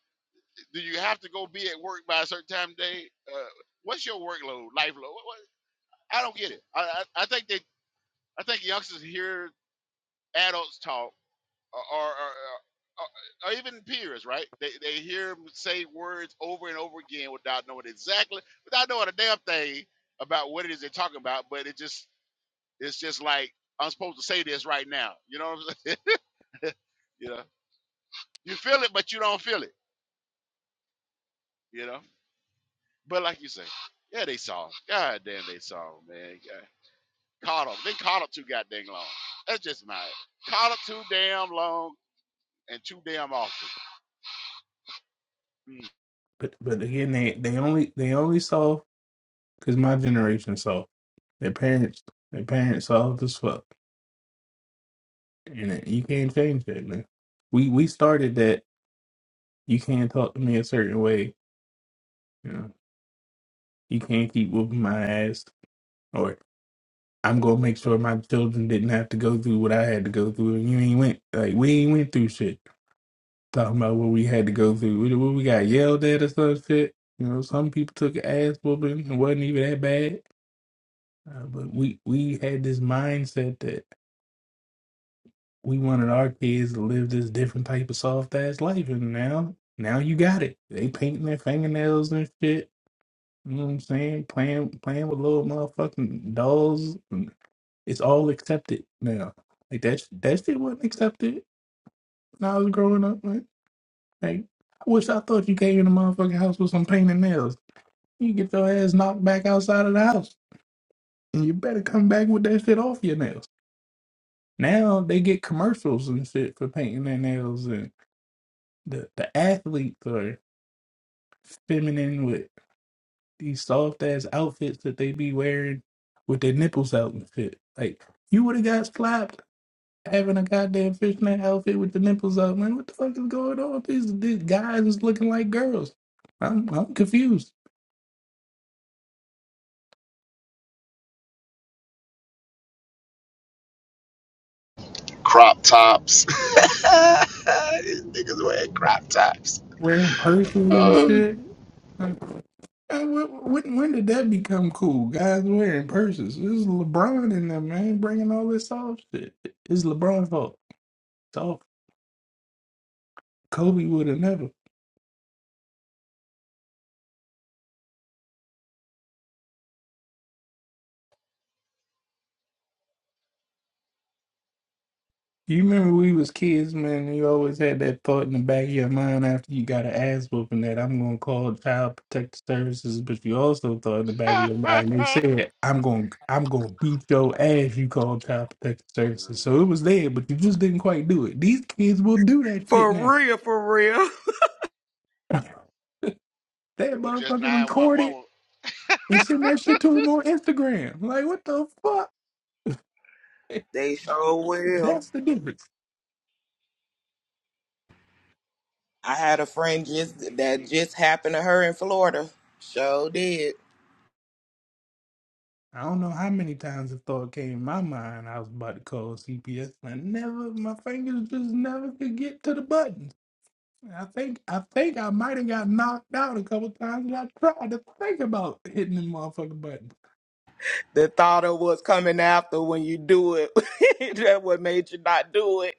Speaker 3: do you have to go be at work by a certain time of day? Uh, what's your workload, life load? What, what? I don't get it. I, I I think they I think youngsters hear adults talk or, or, or, uh, or even peers, right? They, they hear him say words over and over again without knowing exactly, without knowing a damn thing about what it is they're talking about. But it just, it's just like I'm supposed to say this right now. You know what I'm saying? you know, you feel it, but you don't feel it. You know. But like you say, yeah, they saw. 'em. God damn, they saw 'em, man. God, caught them. They caught up too goddamn long. That's just my caught up too damn long and too damn often.
Speaker 8: But but again, they they only they only saw because my generation saw their parents their parents saw this fuck. in it. You can't change that, man. We we started that. You can't talk to me a certain way. You know, you can't keep whooping my ass, or I'm gonna make sure my children didn't have to go through what I had to go through. And you ain't went like we ain't went through shit. Talking about what we had to go through, what, what we got yelled at or some shit. You know, some people took ass whooping. It wasn't even that bad, uh, but we we had this mindset that. we wanted our kids to live this different type of soft ass life, and now now you got it. They painting their fingernails and shit. You know what I'm saying? Playing playing with little motherfucking dolls. and It's all accepted now. Like that sh- that shit wasn't accepted when I was growing up. Man. Like I wish I thought you came in the motherfucking house with some painted nails. You get your ass knocked back outside of the house, and you better come back with that shit off your nails. Now they get commercials and shit for painting their nails and the the athletes are feminine with these soft ass outfits that they be wearing with their nipples out and shit. Like you would have got slapped having a goddamn fishnet outfit with the nipples out, man. What the fuck is going on? These, these guys is looking like girls. I'm I'm confused.
Speaker 6: Crop tops. these niggas wearing crop tops.
Speaker 8: Wearing purses and
Speaker 6: Uh,
Speaker 8: shit. Like, uh, wh- When, when did that become cool? Guys wearing purses. This is LeBron in there, man, bringing all this soft shit. It's LeBron's fault. It's all Kobe would have never. You remember we was kids, man, and you always had that thought in the back of your mind after you got an ass whooping that I'm gonna call child protective services, but you also thought in the back of your mind you said, I'm gonna I'm gonna beat your ass you call child protective
Speaker 3: Mm.
Speaker 8: services. So it was there, but you just didn't quite do it. These kids will do that shit now.
Speaker 7: For real, for real.
Speaker 8: That
Speaker 3: It was just
Speaker 8: motherfucker record it
Speaker 3: 911.
Speaker 8: and send that shit to them on Instagram. Like what the fuck?
Speaker 7: They sure will.
Speaker 8: That's the difference.
Speaker 7: I had a friend just
Speaker 3: Mm,
Speaker 7: that
Speaker 3: mm.
Speaker 7: just happened to her in Florida. Sure did.
Speaker 8: I don't know how many times the thought came in my mind I was about to call CPS and I never my fingers just never could get to the buttons. I think I think I might have got knocked out a couple times when I tried to think about hitting the motherfucking button.
Speaker 7: The thought of what's coming after when you do it, that what made you not do it.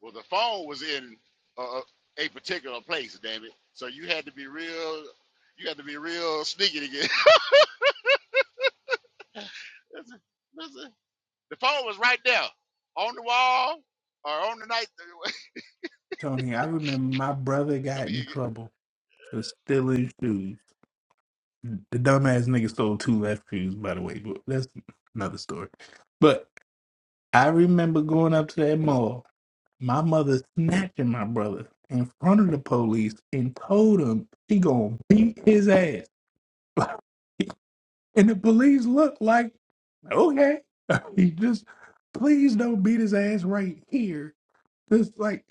Speaker 3: Well, the phone was in uh, a particular place, damn it. So you had to be real, you had to be real sneaky to get. listen, listen. The phone was right there on the wall or on the night.
Speaker 8: Tony, I remember my brother
Speaker 3: Come
Speaker 8: got in
Speaker 3: here, get,
Speaker 8: trouble for stealing shoes. The dumbass nigga stole two left shoes, by the way, but that's another story. But I remember going up to that mall My mother snatching my brother in front of the police and told him she gonna beat his ass. and the police looked like, okay, he just please don't beat his ass right here. Just like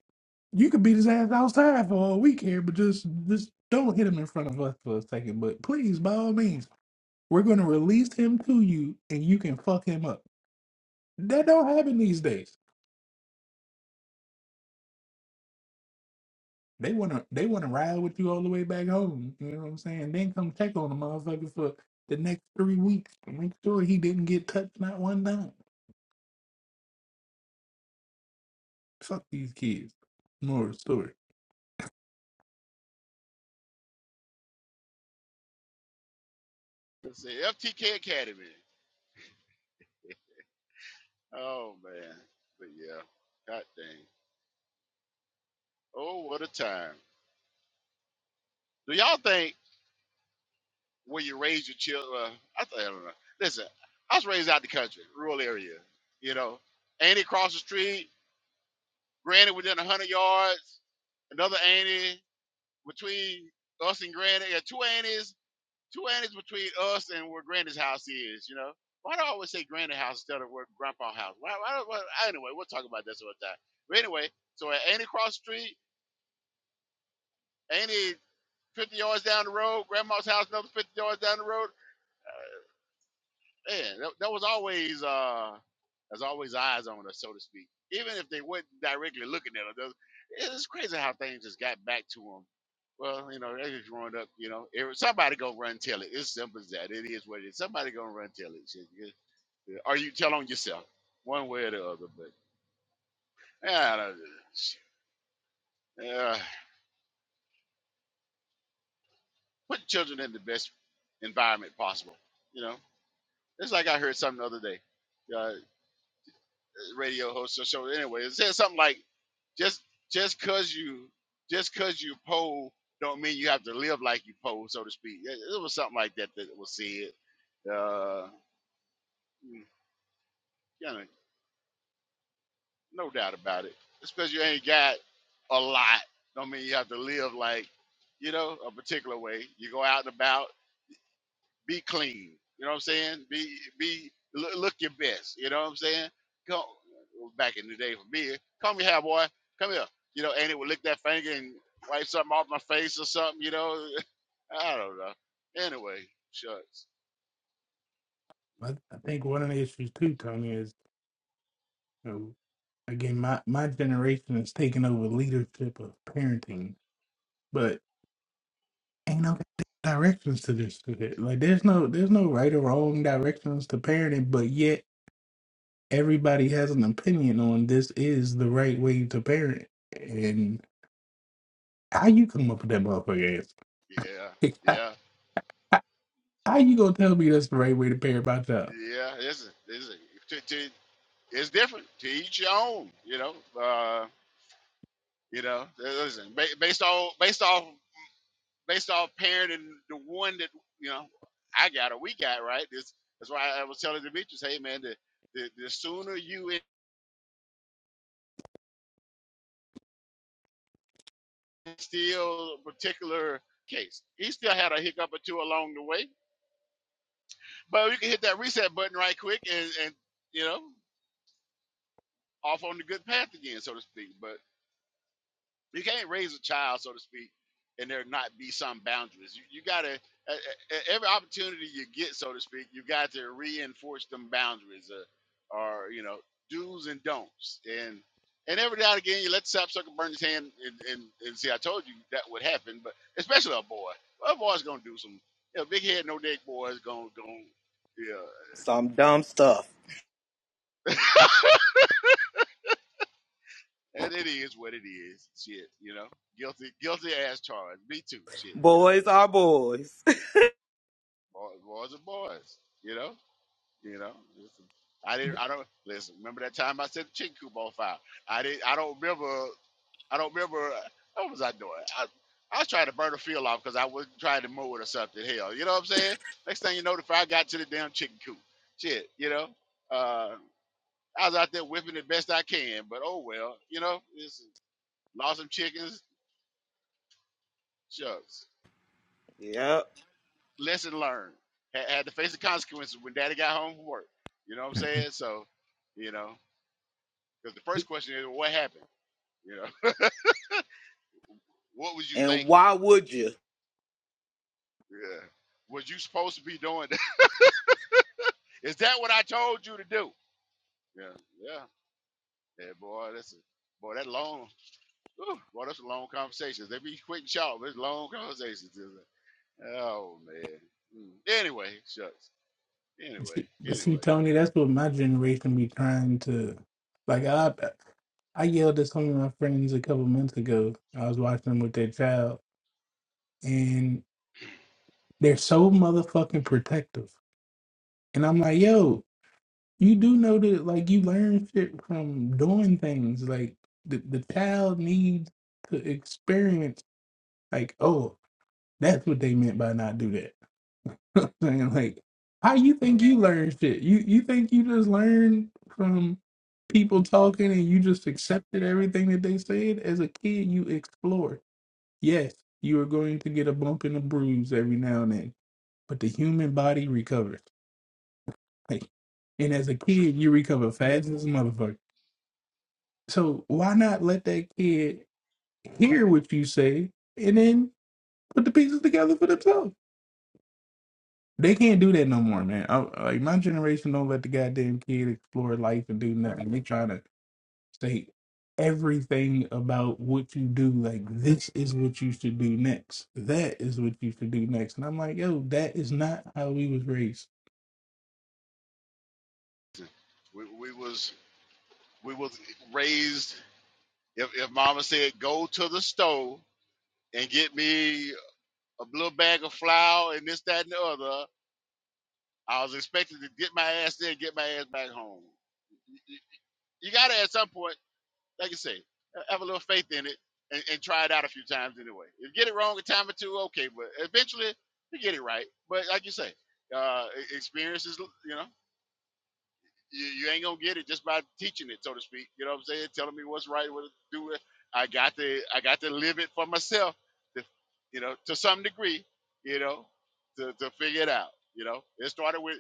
Speaker 8: you could beat his ass outside for all we care, but just just don't hit him in front of us for a second. But please, by all means, we're gonna release him to you, and you can fuck him up. That don't happen these days. They wanna they wanna ride with you all the way back home. You know what I'm saying? Then come check on the motherfucker for the next three weeks to make sure he didn't get touched not one time. Fuck these kids. More story.
Speaker 3: let's see, FTK Academy. Oh, man. But yeah, god dang. Oh, what a time. Do y'all think where you raise your children. Uh, I, th- I don't know. Listen, I was raised out the country, rural area. You know, Annie across the street, Granny within a hundred yards, another Annie between us and Granny. Yeah, two Annies, two Annies between us and where Granny's house is. You know, why do I always say Granny house instead of where Grandpa house? Why, why, why, anyway, we'll talk about this another time. But anyway, so at Annie across the street, Annie fifty yards down the road, Grandma's house another fifty yards down the road. yeah, that, that was always uh, there's always eyes on us, so to speak. Even if they weren't directly looking at us, It- it's crazy how things just got back to them. Well, you know, they just growing up. You know, every- somebody gonna run tell it. It's simple as that. It is what it is. Somebody gonna run tell it. Shit, you- you- Or you tell on yourself, one way or the other. But yeah, I don't Shit. uh, put children in the best environment possible. You know, it's like I heard something the other day. Uh, radio host or show. Anyway, it said something like just just cause you just cause you poll don't mean you have to live like you poll, so to speak. It, it was something like that that was said. Uh, you know, no doubt about it. Just because you ain't got a lot, don't mean you have to live like you know a particular way. You go out and about. be clean. You know what I'm saying? Be be look, look your best. You know what I'm saying? Go back in the day for me. Come here, boy. Come here. You know, and it would lick that finger and wipe something off my face or something. You know, I don't know. Anyway, shucks.
Speaker 8: But I think one of the issues too, Tony, is you know, again my, my generation is taking over leadership of parenting, but ain't no directions to this shit. Like there's no there's no right or wrong directions to parenting, but yet everybody has an opinion on this is the right way to parent. And how you come up with that motherfucker ass?
Speaker 3: Yeah,
Speaker 8: how,
Speaker 3: yeah,
Speaker 8: how you gonna tell me that's the right way to parent my child?
Speaker 3: yeah. It's a, it's a, to, to, it's different to each your own. You know. Uh, you know. Listen, ba- based on based off based off parenting the one that you know I got or we got right. This that's why I was telling Demetrius, hey man, the the, the sooner you instill a particular case, he still had a hiccup or two along the way, but you can hit that reset button right quick and and you know off on the good path again, so to speak. But You can't raise a child, so to speak, and there not be some boundaries. You, you got to every opportunity you get, so to speak, you got to reinforce them boundaries, uh, or you know, do's and don'ts. And and every now and again, you let the sapsucker burn his hand, and, and, and see, I told you that would happen. But especially a boy, well, a boy's gonna do some. You know, big head, no neck boy is gonna gonna yeah.
Speaker 7: Some dumb
Speaker 3: listen.
Speaker 7: stuff.
Speaker 3: and it is what it is. Shit, you know, guilty, guilty as charged. Me too. Shit, you know,
Speaker 7: Boys are
Speaker 3: is
Speaker 7: boys.
Speaker 3: boys, are boys. You know, you know. Listen, I didn't. I don't listen. Remember that time I said the chicken coop on fire? I didn't. I don't remember. I don't remember. uh, What was I doing? I, I was trying to burn the field off because I was trying to mow it or something. Hell, you know what I'm saying? Next thing you know, the fire got to the damn chicken coop. Shit, you know. Uh, I was out there whipping the best I can, but oh well, you know. It's, lost some chickens Shucks.
Speaker 7: yep.
Speaker 3: Lesson learned. Had, had to face the consequences when daddy got home from work. You know what I'm
Speaker 8: Mhm.
Speaker 3: saying? So, you know, because the first question is, what happened? You know, what was you
Speaker 7: And
Speaker 3: thinking?
Speaker 7: why would you?
Speaker 3: Yeah. Was you supposed to be doing that? Is that what I told you to do? Yeah. Yeah. Yeah, boy, that's a, boy, that long, whew, boy, that's a long conversations. They be quick and sharp, but it's long conversations. isn't it? Oh, man. Mm. Anyway, shucks.
Speaker 8: But
Speaker 3: Anyway,
Speaker 8: see, but see,
Speaker 3: anyway,
Speaker 8: Tony, that's what my generation be trying to like. I I yelled at some of my friends a couple months ago. I was watching them with their child, and they're so motherfucking protective. And I'm like, yo, you do know that like you learn shit from doing things. Like the, the child needs to experience like, oh, that's what they meant by not do that. i saying like, how you think you learn shit? You you think you just learn from people talking and you just accepted everything that they said? As a kid, you explore. Yes, you are going to get a bump and a bruise every now and then, but the human body recovers. Like, and as a
Speaker 3: true.
Speaker 8: kid, you recover fast as a motherfucker. So why not let that kid hear what you say and then put the pieces together for themselves? They can't do that no more, man. I, like my generation don't let the goddamn kid explore life and do nothing. They trying to say everything about what you do. Like this is what you should do next. That is what you should do next. And I'm like, yo, that is not how we was raised.
Speaker 3: We, we was we was raised If if mama said go to the store and get me a little bag of flour and this, that, and the other, I was expected to get my ass there and get my ass back home. You, you- you gotta at some point, like you say, ha- have a little faith in it and, and try it out a few times anyway. If you get it wrong a time or two, okay, but eventually you get it right. But like you say, uh, e- experience is, you know. you, you ain't gonna get it just by teaching it, so to speak. You know what I'm saying? Telling me what's right, what to do. I got to I got to live it for myself, to, you know, to some degree, you know, to, to figure it out. You know, it started with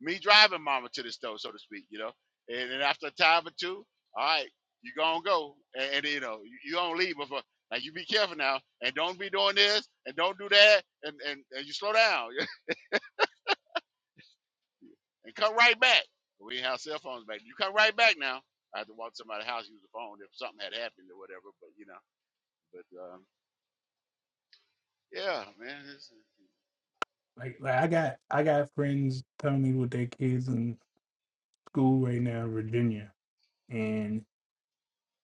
Speaker 3: me driving mama to the store, so to speak. You know, and then after a time or two, all right, you gonna go, and, and you know, you, you don't leave before. Like you be careful now, and don't be doing this, and don't do that, and and, and you slow down. and come right back. But we didn't have cell phones back. You come right back now. I had to walk to somebody's house, use the phone if something had happened or whatever. But you know, but um, yeah, man, it's, uh,
Speaker 8: Like, like I got I got friends telling me with their kids and school right now in Virginia, and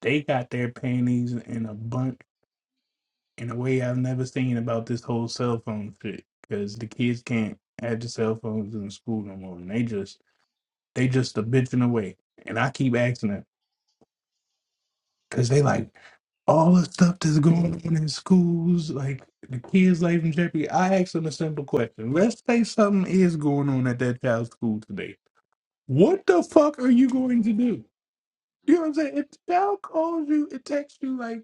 Speaker 8: they got their panties in a bunch in a way I've never seen about this whole cell phone shit. Because the kids can't have the cell phones in school no more, and they just they just a bitching away. And I keep asking them because they like all the stuff that's going on in schools, like the kids' life in jeopardy. I ask them a simple question: Let's say something is going on at that child's school today. What the fuck are you going to do? You know
Speaker 3: mm,
Speaker 8: what I'm saying? If the child calls you, it texts you like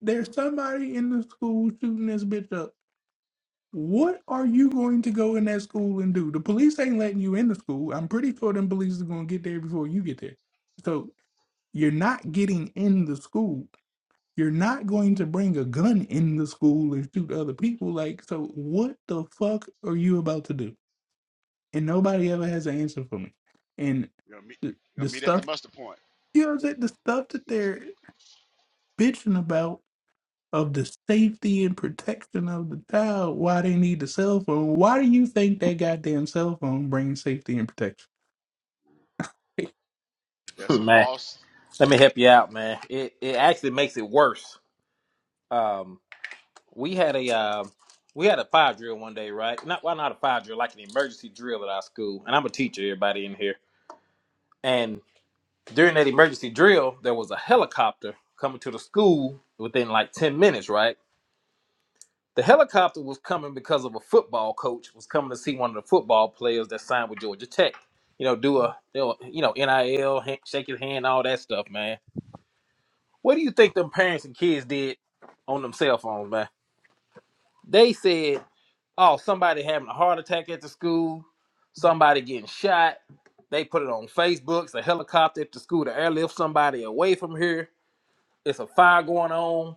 Speaker 8: there's somebody in the school shooting this bitch up. What are you going to go in that school and do? The police ain't letting you in the school. I'm pretty sure them police is going to get there before you get there. So you're not getting in the school. You're not going to bring a gun in the school and shoot other people. Like, so what the fuck are you about to do? And nobody ever has an answer for me. And
Speaker 3: you know, meet,
Speaker 8: the,
Speaker 3: you know,
Speaker 8: the
Speaker 3: meet at the
Speaker 8: stuff,
Speaker 3: muster point.
Speaker 8: you know what I'm saying? The stuff that they're bitching about of the safety and protection of the child why they need the cell phone. Why do you think that goddamn cell phone brings safety and protection?
Speaker 3: That's
Speaker 9: Hmm,
Speaker 3: a
Speaker 9: Man,
Speaker 3: false,
Speaker 9: let me help you out, man. It it actually makes it worse. Um, we had a um, we had a fire drill one day, right? Not well, not a fire drill, like an emergency drill at our school. And I'm a teacher, everybody in here. And during that emergency drill, there was a helicopter coming to the school within like ten minutes, right? The helicopter was coming because of a football coach was coming to see one of the football players that signed with Georgia Tech. You know, do a you know, you know, NIL, hand- shake his hand, all that stuff, man. What do you think them parents and kids did on them cell phones, man? They said, oh, somebody having a heart attack at the school, somebody getting shot. They put it on Facebook. It's a helicopter at the school to airlift somebody away from here. It's a fire going on.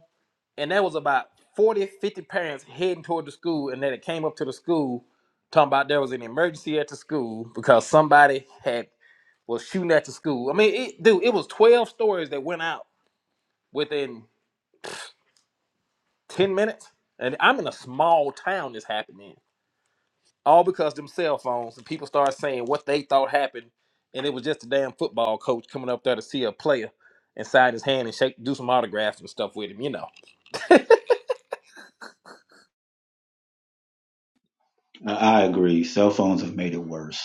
Speaker 9: And that was about 40, 50 parents heading toward the school. And then it came up to the school talking about there was an emergency at the school because somebody had was shooting at the school. I mean, it, dude, it was 12 stories that went out within 10 minutes and i'm in a small town this happened in all because them cell phones and people started saying what they thought happened and it was just a damn football coach coming up there to see a player and sign his hand and shake do some autographs and stuff with him you know
Speaker 10: I I agree. Cell phones have made it worse.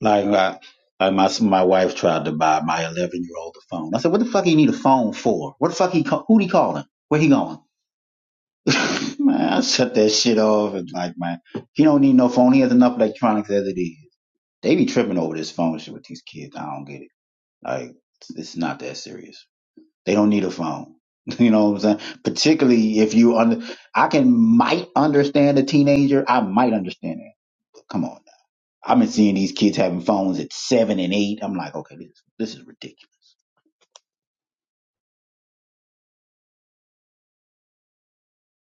Speaker 10: Like, I, like my my wife tried to buy my 11 year old a phone. I said, "What the fuck he need a phone for? What the fuck he ca- who he calling? Where he going?" man, I shut that shit off and like, man, he don't need no phone. He has enough electronics as it is. They be tripping over this phone shit with these kids. I don't get it. Like, it's it's not that serious. They don't need a phone. You know what I'm saying? Particularly if you under, I can might understand a teenager. I might understand it. Come on. I've been seeing these kids having phones at seven and eight. I'm like, okay, this this is ridiculous.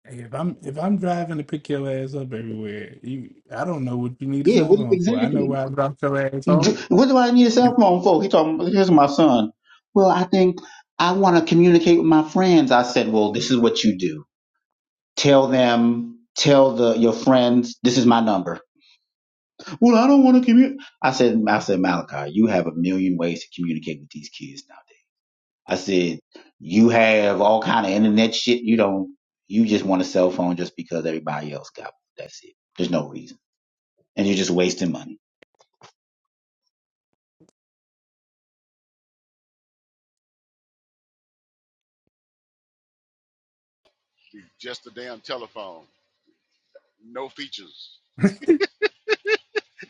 Speaker 8: Hey, If I'm if I'm driving to pick your ass up everywhere, you I don't know what you need a
Speaker 10: Yeah,
Speaker 8: cell
Speaker 10: what,
Speaker 8: phone for. I know
Speaker 10: exactly.
Speaker 8: where I dropped your ass
Speaker 10: You ju-
Speaker 8: off.
Speaker 10: What do I need a cell phone for? He talking. Here's my son. Well, I think I want to communicate with my friends. I said, well, this is what you do. Tell them, tell the your friends, this is my number. Well, I don't want to communicate. I said, I said, Malachi, you have a million ways to communicate with these kids now. I said, you have all kind of internet shit. You don't, you just want a cell phone just because everybody else got one. That's it. There's no reason. And you're just wasting money.
Speaker 3: just a damn telephone, no features.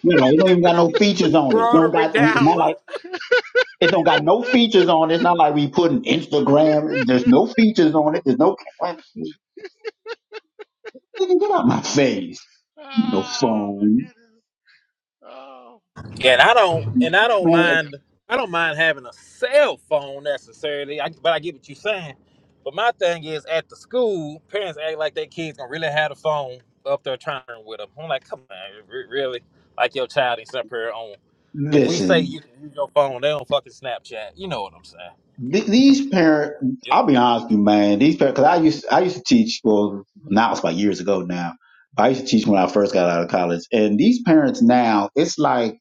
Speaker 10: You know, it don't even got no features on it. don't
Speaker 7: Rotary
Speaker 10: got, we- it's not
Speaker 7: Dollar.
Speaker 10: like, it don't got no features on it. It's not like we put an Instagram. There's no features on it. There's no, nigga, get out my face.
Speaker 3: Oh
Speaker 10: No
Speaker 3: my
Speaker 10: phone.
Speaker 3: goodness! Oh,
Speaker 9: And I don't and I
Speaker 3: it'll
Speaker 9: don't
Speaker 3: be
Speaker 10: Man,
Speaker 3: like the
Speaker 9: mind I don't
Speaker 3: well,
Speaker 9: mind having a cell phone necessarily. I, but I get what you're saying. But my thing is at the school, parents act like their kids gonna really have the phone up there trying with them. I'm like, come on, re- really? Like your child is up here on. If we say
Speaker 10: listen.
Speaker 9: you can use your phone, they don't fucking Snapchat. You know what I'm saying?
Speaker 10: th- these parents,
Speaker 9: Yep.
Speaker 10: I'll be honest with you, man. These parents, because I used I used to teach. Well, now it's about years ago now. I used to teach when I first got out of college, and these parents now, it's like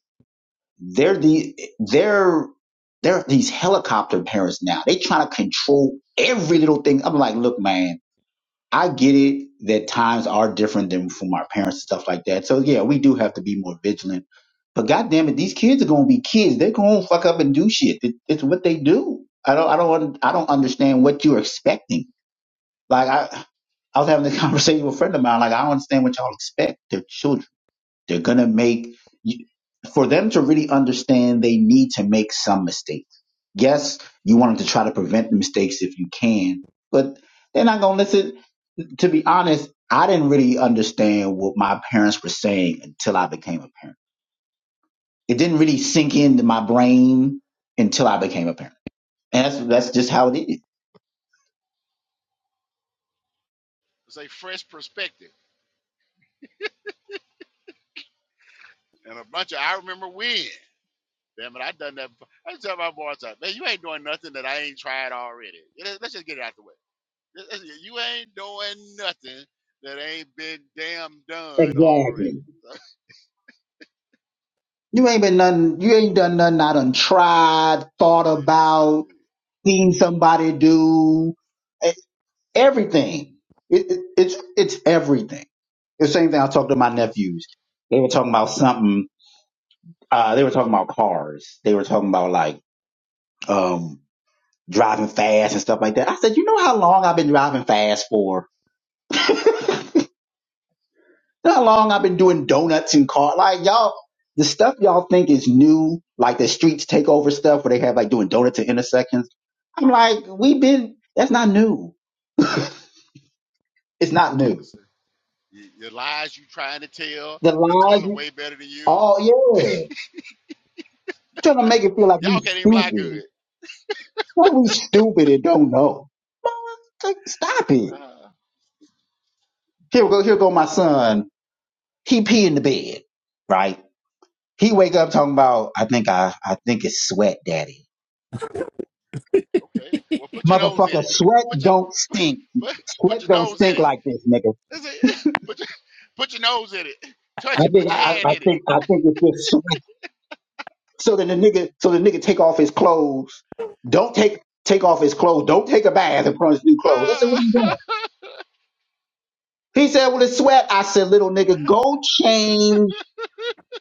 Speaker 10: they're the they're they're these helicopter parents now. They trying to control every little thing. I'm like, look, man. I get it that times are different than from our parents and stuff like that. So yeah, we do have to be more vigilant. But goddamn it, these kids are gonna be kids. They're gonna fuck up and do shit. It, it's what they do. I don't, I don't, un- I don't understand what you're expecting. Like I, I was having this conversation with a friend of mine. Like I don't understand what y'all expect. They're children. They're gonna make. You, for them to really understand, they need to make some mistakes. Yes, you want them to try to prevent the mistakes if you can, but they're not gonna listen to be honest, I didn't really understand what my parents were saying until I became a parent. It didn't really sink into my brain until I became a parent. And that's that's just how it is.
Speaker 3: say fresh perspective and a bunch of I remember when. Damn it, I done that. before. I tell my boys, like, man, you ain't doing nothing that I ain't tried already. Let's just get it out the way. You ain't doing nothing that ain't been damn done already.
Speaker 10: Exactly. You ain't been nothing you ain't done nothing I done tried, thought
Speaker 3: Yes,
Speaker 10: about,
Speaker 3: indeed.
Speaker 10: seen somebody do E- everything. It, it, it's it's everything. The same thing I talked to my
Speaker 3: Yes, sir.
Speaker 10: nephews. They were talking about something uh, they were talking about cars. They were talking about like um, driving fast and stuff like that. I said, you know how long I've been driving fast for? how long I've been doing donuts and car? Like y'all, the stuff y'all think is new, like the streets takeover stuff where they have like doing donuts at intersections. I'm like, we've been. That's not new. It's not
Speaker 3: Yes,
Speaker 10: new.
Speaker 3: sir. Y- Your lies you trying to tell,
Speaker 10: The
Speaker 3: they
Speaker 10: lies,
Speaker 3: told them
Speaker 10: you-
Speaker 3: way better than you.
Speaker 10: oh yeah, you trying to make it feel like we
Speaker 3: Y'all can't even lie
Speaker 10: stupid.
Speaker 3: good.
Speaker 10: What we stupid and don't know? Mama, like, Stop it.
Speaker 3: Ah,
Speaker 10: Here we go. Here go my son He pee in the bed, right? He wake up talking about, I think I, I think it's sweat, daddy.
Speaker 3: okay. Well, put your nose in
Speaker 10: Motherfucker,
Speaker 3: it.
Speaker 10: sweat
Speaker 3: Put your
Speaker 10: don't
Speaker 3: put,
Speaker 10: stink.
Speaker 3: put,
Speaker 10: Sweat
Speaker 3: your
Speaker 10: don't
Speaker 3: nose in
Speaker 10: stink
Speaker 3: it.
Speaker 10: like this, nigga.
Speaker 3: That's it. Put your put your nose in it. Touch
Speaker 10: I
Speaker 3: it. Put
Speaker 10: think, I,
Speaker 3: your
Speaker 10: I
Speaker 3: hand in it.
Speaker 10: think, I think it's just sweat. So then the nigga, so the nigga take off his clothes. Don't take, take off his clothes. Don't take a bath and put on his new clothes. I said, what are
Speaker 3: Ah,
Speaker 10: you doing? He said, well, it's sweat. I said, little nigga, go change,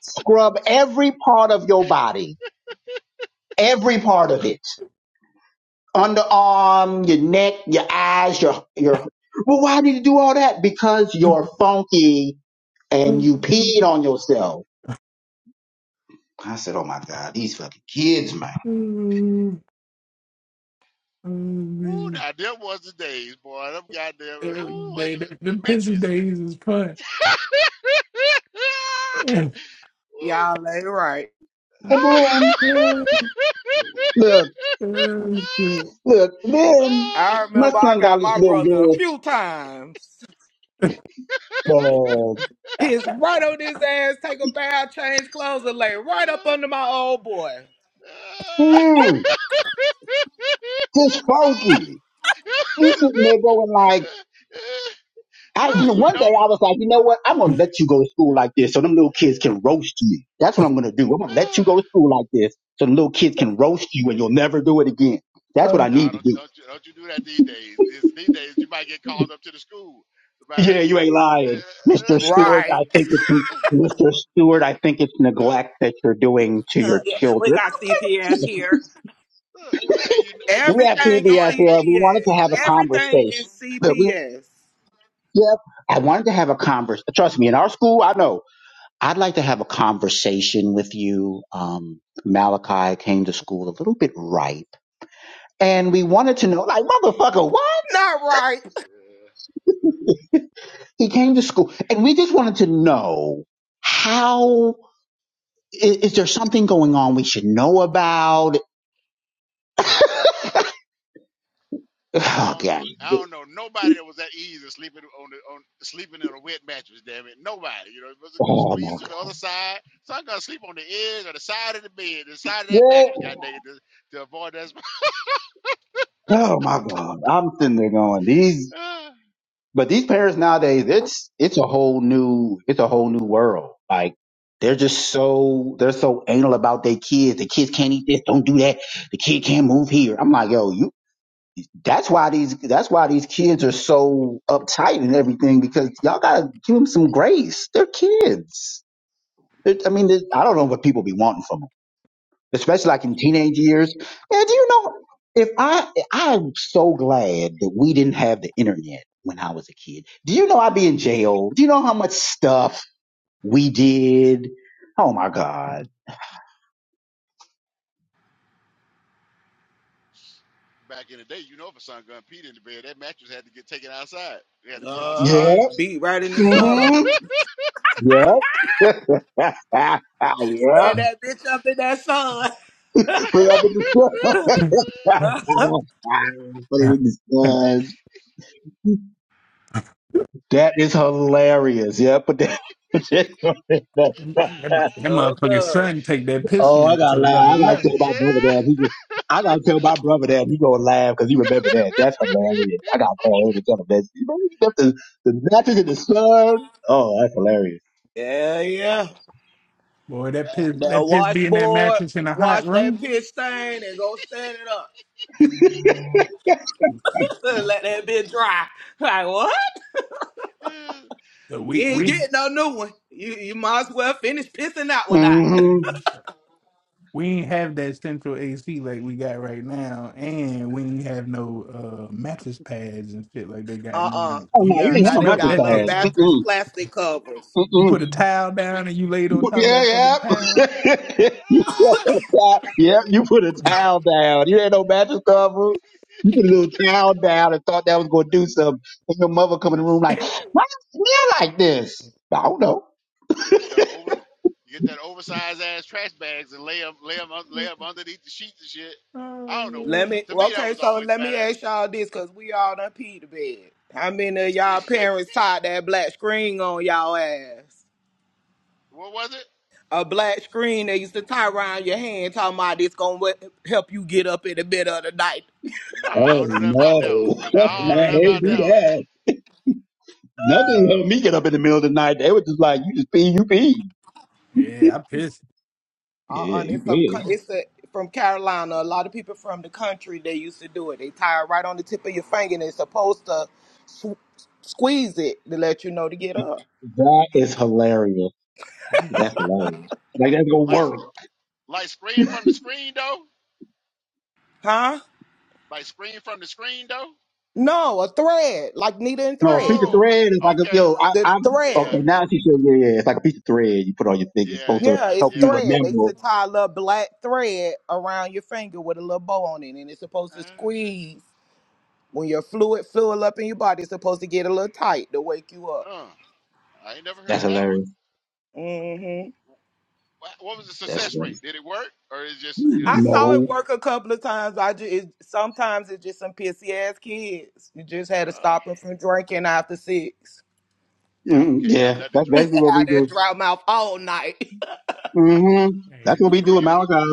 Speaker 10: scrub every part of your body. Every part of it. underarm, your neck, your eyes, your your. Well, why did you do all that? Because you're funky and
Speaker 8: Every
Speaker 10: you peed on yourself. I said, "Oh my God, these fucking kids, man."
Speaker 3: ooh, now them was the days, boy. Them goddamn. Ooh, like,
Speaker 8: day, the, the pissy
Speaker 3: Demetrius.
Speaker 8: days is fun. that
Speaker 7: Y'all ain't right.
Speaker 10: And then look, look, then
Speaker 7: I
Speaker 10: my
Speaker 7: remember I
Speaker 10: son got
Speaker 7: got
Speaker 10: this
Speaker 7: my
Speaker 10: little
Speaker 7: brother a
Speaker 10: girl.
Speaker 7: few times. Pissed right on his ass, take a bath, change clothes, and lay right up under my old boy.
Speaker 10: Uh, mm, just funky. You sitting there going like. I, you
Speaker 3: Look,
Speaker 10: know,
Speaker 3: you
Speaker 10: one
Speaker 3: know.
Speaker 10: day I was like, you know what? I'm gonna let you go to school like this, so them little kids can roast you. That's what I'm gonna do. I'm gonna let you go to school like this, so the little kids can roast you, and you'll never do it again. That's what I
Speaker 3: No,
Speaker 10: need to
Speaker 3: don't
Speaker 10: do.
Speaker 3: don't you don't you do that these days. This, these days you might get called up to the school. Somebody-
Speaker 10: Yeah, you ain't lying, Mr. Stewart.
Speaker 7: Right.
Speaker 10: I think it's Mr. Stewart.
Speaker 3: look,
Speaker 10: I think it's
Speaker 3: look,
Speaker 10: neglect that you're doing to
Speaker 7: Uh,
Speaker 10: your
Speaker 7: yeah, we
Speaker 10: children.
Speaker 7: got CPS
Speaker 10: Listen,
Speaker 7: here.
Speaker 3: look. And you and you,
Speaker 10: we have
Speaker 3: and you
Speaker 7: Everything is
Speaker 3: know
Speaker 10: PBS
Speaker 3: it.
Speaker 10: here. We wanted
Speaker 7: CPS.
Speaker 10: to have a
Speaker 3: And,
Speaker 7: Everything is
Speaker 10: conversation. That we,
Speaker 7: CPS.
Speaker 10: yep, I wanted to have a conversation. Trust me, in our school, I know I'd like to have a conversation with you. Um, Malachi came to school a little bit ripe, and
Speaker 3: Yeah.
Speaker 10: we wanted to know, like, motherfucker, what?
Speaker 7: Not right.
Speaker 3: Yeah. yeah.
Speaker 10: He came to
Speaker 3: That's it.
Speaker 10: school, and we just wanted to know how is is, there something going on we should know about?
Speaker 3: I
Speaker 10: Oh
Speaker 3: don't know.
Speaker 10: god!
Speaker 3: I don't know nobody that was that easy sleeping on the on sleeping in a wet mattress. Damn it, nobody. You know, you must go
Speaker 10: Oh my
Speaker 3: squeeze to
Speaker 10: god!
Speaker 3: the other side. So I'm gonna sleep on the edge or the side of the bed, the side of that
Speaker 10: What?
Speaker 3: mattress. God dang it, to, to avoid that. spot.
Speaker 10: Oh my god! I'm sitting there going, these. But these parents nowadays, it's it's a whole new it's a whole new world. Like they're just so they're so anal about their kids. The kids can't eat this, don't do that. The kid can't move here. I'm like, yo, you. That's why these that's why these kids are so uptight and everything because y'all gotta give them some grace. They're kids. They're, I mean, they- I don't know what people be wanting from 'em especially like in teenage years. And you know, if I I'm so glad that we didn't have the internet when I was a kid. Do you know I'd be in jail? Do you know how much stuff we did? Oh my God.
Speaker 3: Back in the day, you know, if a son gun peed in the bed, that mattress had to get taken outside. It had to be
Speaker 7: Uh,
Speaker 3: outside.
Speaker 10: Yeah.
Speaker 7: beat right in the sun.
Speaker 10: hmm Yeah. yeah.
Speaker 7: Stand that bitch up in that sun.
Speaker 10: Put up with the stuff. Put it in the sun. That is hilarious. Yeah, but that
Speaker 7: so
Speaker 8: motherfucking
Speaker 7: good.
Speaker 8: son take that piss
Speaker 10: Oh, I
Speaker 8: meal
Speaker 10: gotta
Speaker 8: to another
Speaker 10: laugh. I gotta tell
Speaker 8: level.
Speaker 10: my brother
Speaker 3: yeah.
Speaker 10: that. He just, I gotta tell my brother that. He gonna laugh because he remember that. That's hilarious. I gotta call him and tell him that. You know, he left the, the mattress in the sun. Oh, that's hilarious.
Speaker 7: Yeah, yeah.
Speaker 8: Boy, that piss
Speaker 7: That
Speaker 8: that piss be in that
Speaker 7: washboard,
Speaker 8: mattress in a hot
Speaker 7: wash that
Speaker 8: room.
Speaker 7: pitch stain and go stand it up. Let that bitch dry. Like what? You
Speaker 8: We
Speaker 7: ain't
Speaker 8: we
Speaker 7: getting no new one. You you might as well finish pissing that one out.
Speaker 10: hmm
Speaker 8: we ain't have that central AC like we got right now, and we ain't have no uh, mattress pads and shit like they got
Speaker 7: Uh
Speaker 8: now.
Speaker 7: uh
Speaker 10: Oh, no,
Speaker 8: You
Speaker 10: you
Speaker 7: Yeah,
Speaker 8: you
Speaker 10: didn't have
Speaker 7: now
Speaker 10: a
Speaker 7: they
Speaker 8: smelt
Speaker 10: mattress
Speaker 7: got
Speaker 10: to
Speaker 8: that
Speaker 7: little
Speaker 10: have.
Speaker 8: bitch.
Speaker 7: mattress
Speaker 10: Mm-mm.
Speaker 7: plastic covers.
Speaker 8: You
Speaker 10: Mm-mm.
Speaker 8: put a towel down and you laid on top of
Speaker 10: Yeah,
Speaker 8: that fucking towel.
Speaker 10: yeah. you put a towel. Yeah, you put a towel down. You had no mattress cover. You put a little towel down and thought that was gonna do
Speaker 3: This,
Speaker 10: something. And your mother come in the room
Speaker 3: this,
Speaker 10: like, why does it smell like this? I don't know.
Speaker 3: this the over. You get that oversized ass trash bags and lay them, lay them, lay them underneath the sheets and shit. I
Speaker 8: Oh
Speaker 3: don't know what.
Speaker 7: Let
Speaker 8: man.
Speaker 7: me
Speaker 3: To me,
Speaker 7: well,
Speaker 3: that
Speaker 7: okay,
Speaker 3: was
Speaker 7: so
Speaker 3: always a
Speaker 7: let
Speaker 3: bad.
Speaker 7: me ask y'all this cause we all done peed the bed. How many of y'all
Speaker 3: idea.
Speaker 7: parents tied that black screen on y'all ass?
Speaker 3: what was it?
Speaker 7: A black screen they used to tie around your hand talking about it's gonna wa- help you get up in the middle of the night.
Speaker 3: No,
Speaker 10: Oh
Speaker 3: I don't know nothing about
Speaker 10: no,
Speaker 3: that one.
Speaker 8: Yeah,
Speaker 3: I
Speaker 8: I
Speaker 3: don't know
Speaker 10: no,
Speaker 3: nothing
Speaker 8: ain't
Speaker 10: they
Speaker 8: get
Speaker 3: about
Speaker 10: do
Speaker 8: that
Speaker 3: that
Speaker 8: one.
Speaker 3: one.
Speaker 10: that. Nothing helped
Speaker 8: Um,
Speaker 10: me get up in the middle of the night. They were just like, "You just pee, you pee."
Speaker 8: yeah, I pissed.
Speaker 7: Uh,
Speaker 10: Yeah,
Speaker 7: uh,
Speaker 10: you
Speaker 7: it's some co-
Speaker 10: pee.
Speaker 7: it's a, from Carolina. A lot of people from the country they used to do it. They tie it right on the tip of your finger and it's supposed to sw- squeeze it to let you know to get up.
Speaker 10: That is
Speaker 3: Hmm.
Speaker 10: hilarious. That's hilarious. Like that's gonna
Speaker 3: Like,
Speaker 10: work.
Speaker 3: like screen from the screen though.
Speaker 7: Huh?
Speaker 3: Like screen from the screen though.
Speaker 7: No, a thread, like needle and
Speaker 10: No, a piece of
Speaker 7: thread.
Speaker 3: Oh,
Speaker 10: thread is like, a,
Speaker 3: okay.
Speaker 10: yo, I,
Speaker 7: The
Speaker 10: I'm
Speaker 3: Yeah,
Speaker 7: thread.
Speaker 10: okay. Now she said, yeah, yeah, it's like a piece of thread you put on your finger. It's
Speaker 3: yeah,
Speaker 10: supposed to
Speaker 7: Yeah,
Speaker 3: yeah,
Speaker 7: it's
Speaker 10: help you
Speaker 3: yeah.
Speaker 7: thread. They used
Speaker 10: remember.
Speaker 7: to tie a little black thread around your finger with a little bow on it, and it's supposed to
Speaker 3: Uh,
Speaker 7: squeeze when your fluid fill up in your body. It's supposed to get a little tight to wake you up.
Speaker 3: uh, I ain't never
Speaker 10: That's
Speaker 3: heard of that one.
Speaker 10: hilarious.
Speaker 7: hmm
Speaker 3: What was the
Speaker 10: That's
Speaker 3: success
Speaker 10: funny.
Speaker 3: rate? Did it work, or is just you know?
Speaker 7: I saw it
Speaker 10: No.
Speaker 7: work a couple of times. I just it, sometimes it's just some pissy ass kids. You just had to
Speaker 3: Uh,
Speaker 7: stop them from drinking after six.
Speaker 3: Yeah,
Speaker 10: mm
Speaker 3: can't have
Speaker 10: Yeah,
Speaker 3: nothing to
Speaker 10: that's
Speaker 3: drink.
Speaker 7: Had
Speaker 10: basically what we do.
Speaker 7: that dry mouth all night.
Speaker 10: hmm That's
Speaker 8: Hey,
Speaker 10: what we
Speaker 3: Go
Speaker 10: do in
Speaker 3: use
Speaker 10: Malachi.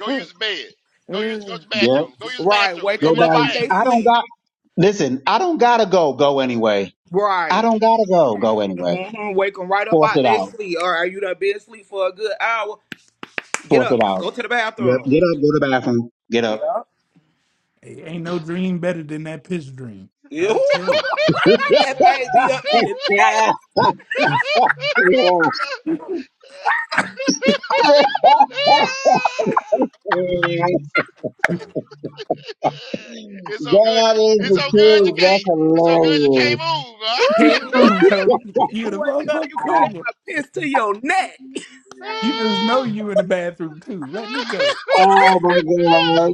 Speaker 3: go use the bed. Go use go to
Speaker 7: Mm.
Speaker 3: the
Speaker 10: Yeah.
Speaker 3: bathroom. Go use the
Speaker 7: right,
Speaker 3: bathroom,
Speaker 7: wake
Speaker 10: No
Speaker 7: them
Speaker 3: even
Speaker 7: up
Speaker 3: if you
Speaker 10: doubt.
Speaker 7: out
Speaker 3: ain't.
Speaker 7: they
Speaker 10: I don't
Speaker 7: sleep.
Speaker 10: got Listen, I don't gotta go. Go anyway. I
Speaker 7: Right.
Speaker 10: don't gotta go. Go anyway.
Speaker 7: hmm Wake them right up
Speaker 10: Force
Speaker 7: out
Speaker 10: it
Speaker 7: they
Speaker 10: out.
Speaker 7: sleep. All right, you done been asleep for a good hour? Get
Speaker 10: Force it
Speaker 7: up.
Speaker 10: out.
Speaker 7: Go to the
Speaker 10: Yep.
Speaker 7: bathroom.
Speaker 10: Get up. Go to the bathroom. Get
Speaker 7: Yeah.
Speaker 10: up.
Speaker 8: hey, ain't no dream better than that piss dream.
Speaker 7: yeah.
Speaker 8: I
Speaker 7: Ooh.
Speaker 8: tell
Speaker 10: that
Speaker 7: that thing be up to your chest.
Speaker 8: you.
Speaker 3: It's so good you
Speaker 10: is
Speaker 3: it's
Speaker 10: the
Speaker 3: so good you
Speaker 10: truth.
Speaker 3: can't
Speaker 10: That's
Speaker 3: it's so good you
Speaker 10: hilarious.
Speaker 3: can't move,
Speaker 7: Ooh,
Speaker 8: Can't move,
Speaker 7: what?
Speaker 8: Tony.
Speaker 7: You
Speaker 8: You the
Speaker 7: wake up,
Speaker 8: motherfucking
Speaker 7: you be having
Speaker 8: cobra.
Speaker 7: piss to your neck.
Speaker 8: You just know you in the bathroom too. Let me go.
Speaker 10: Oh my god.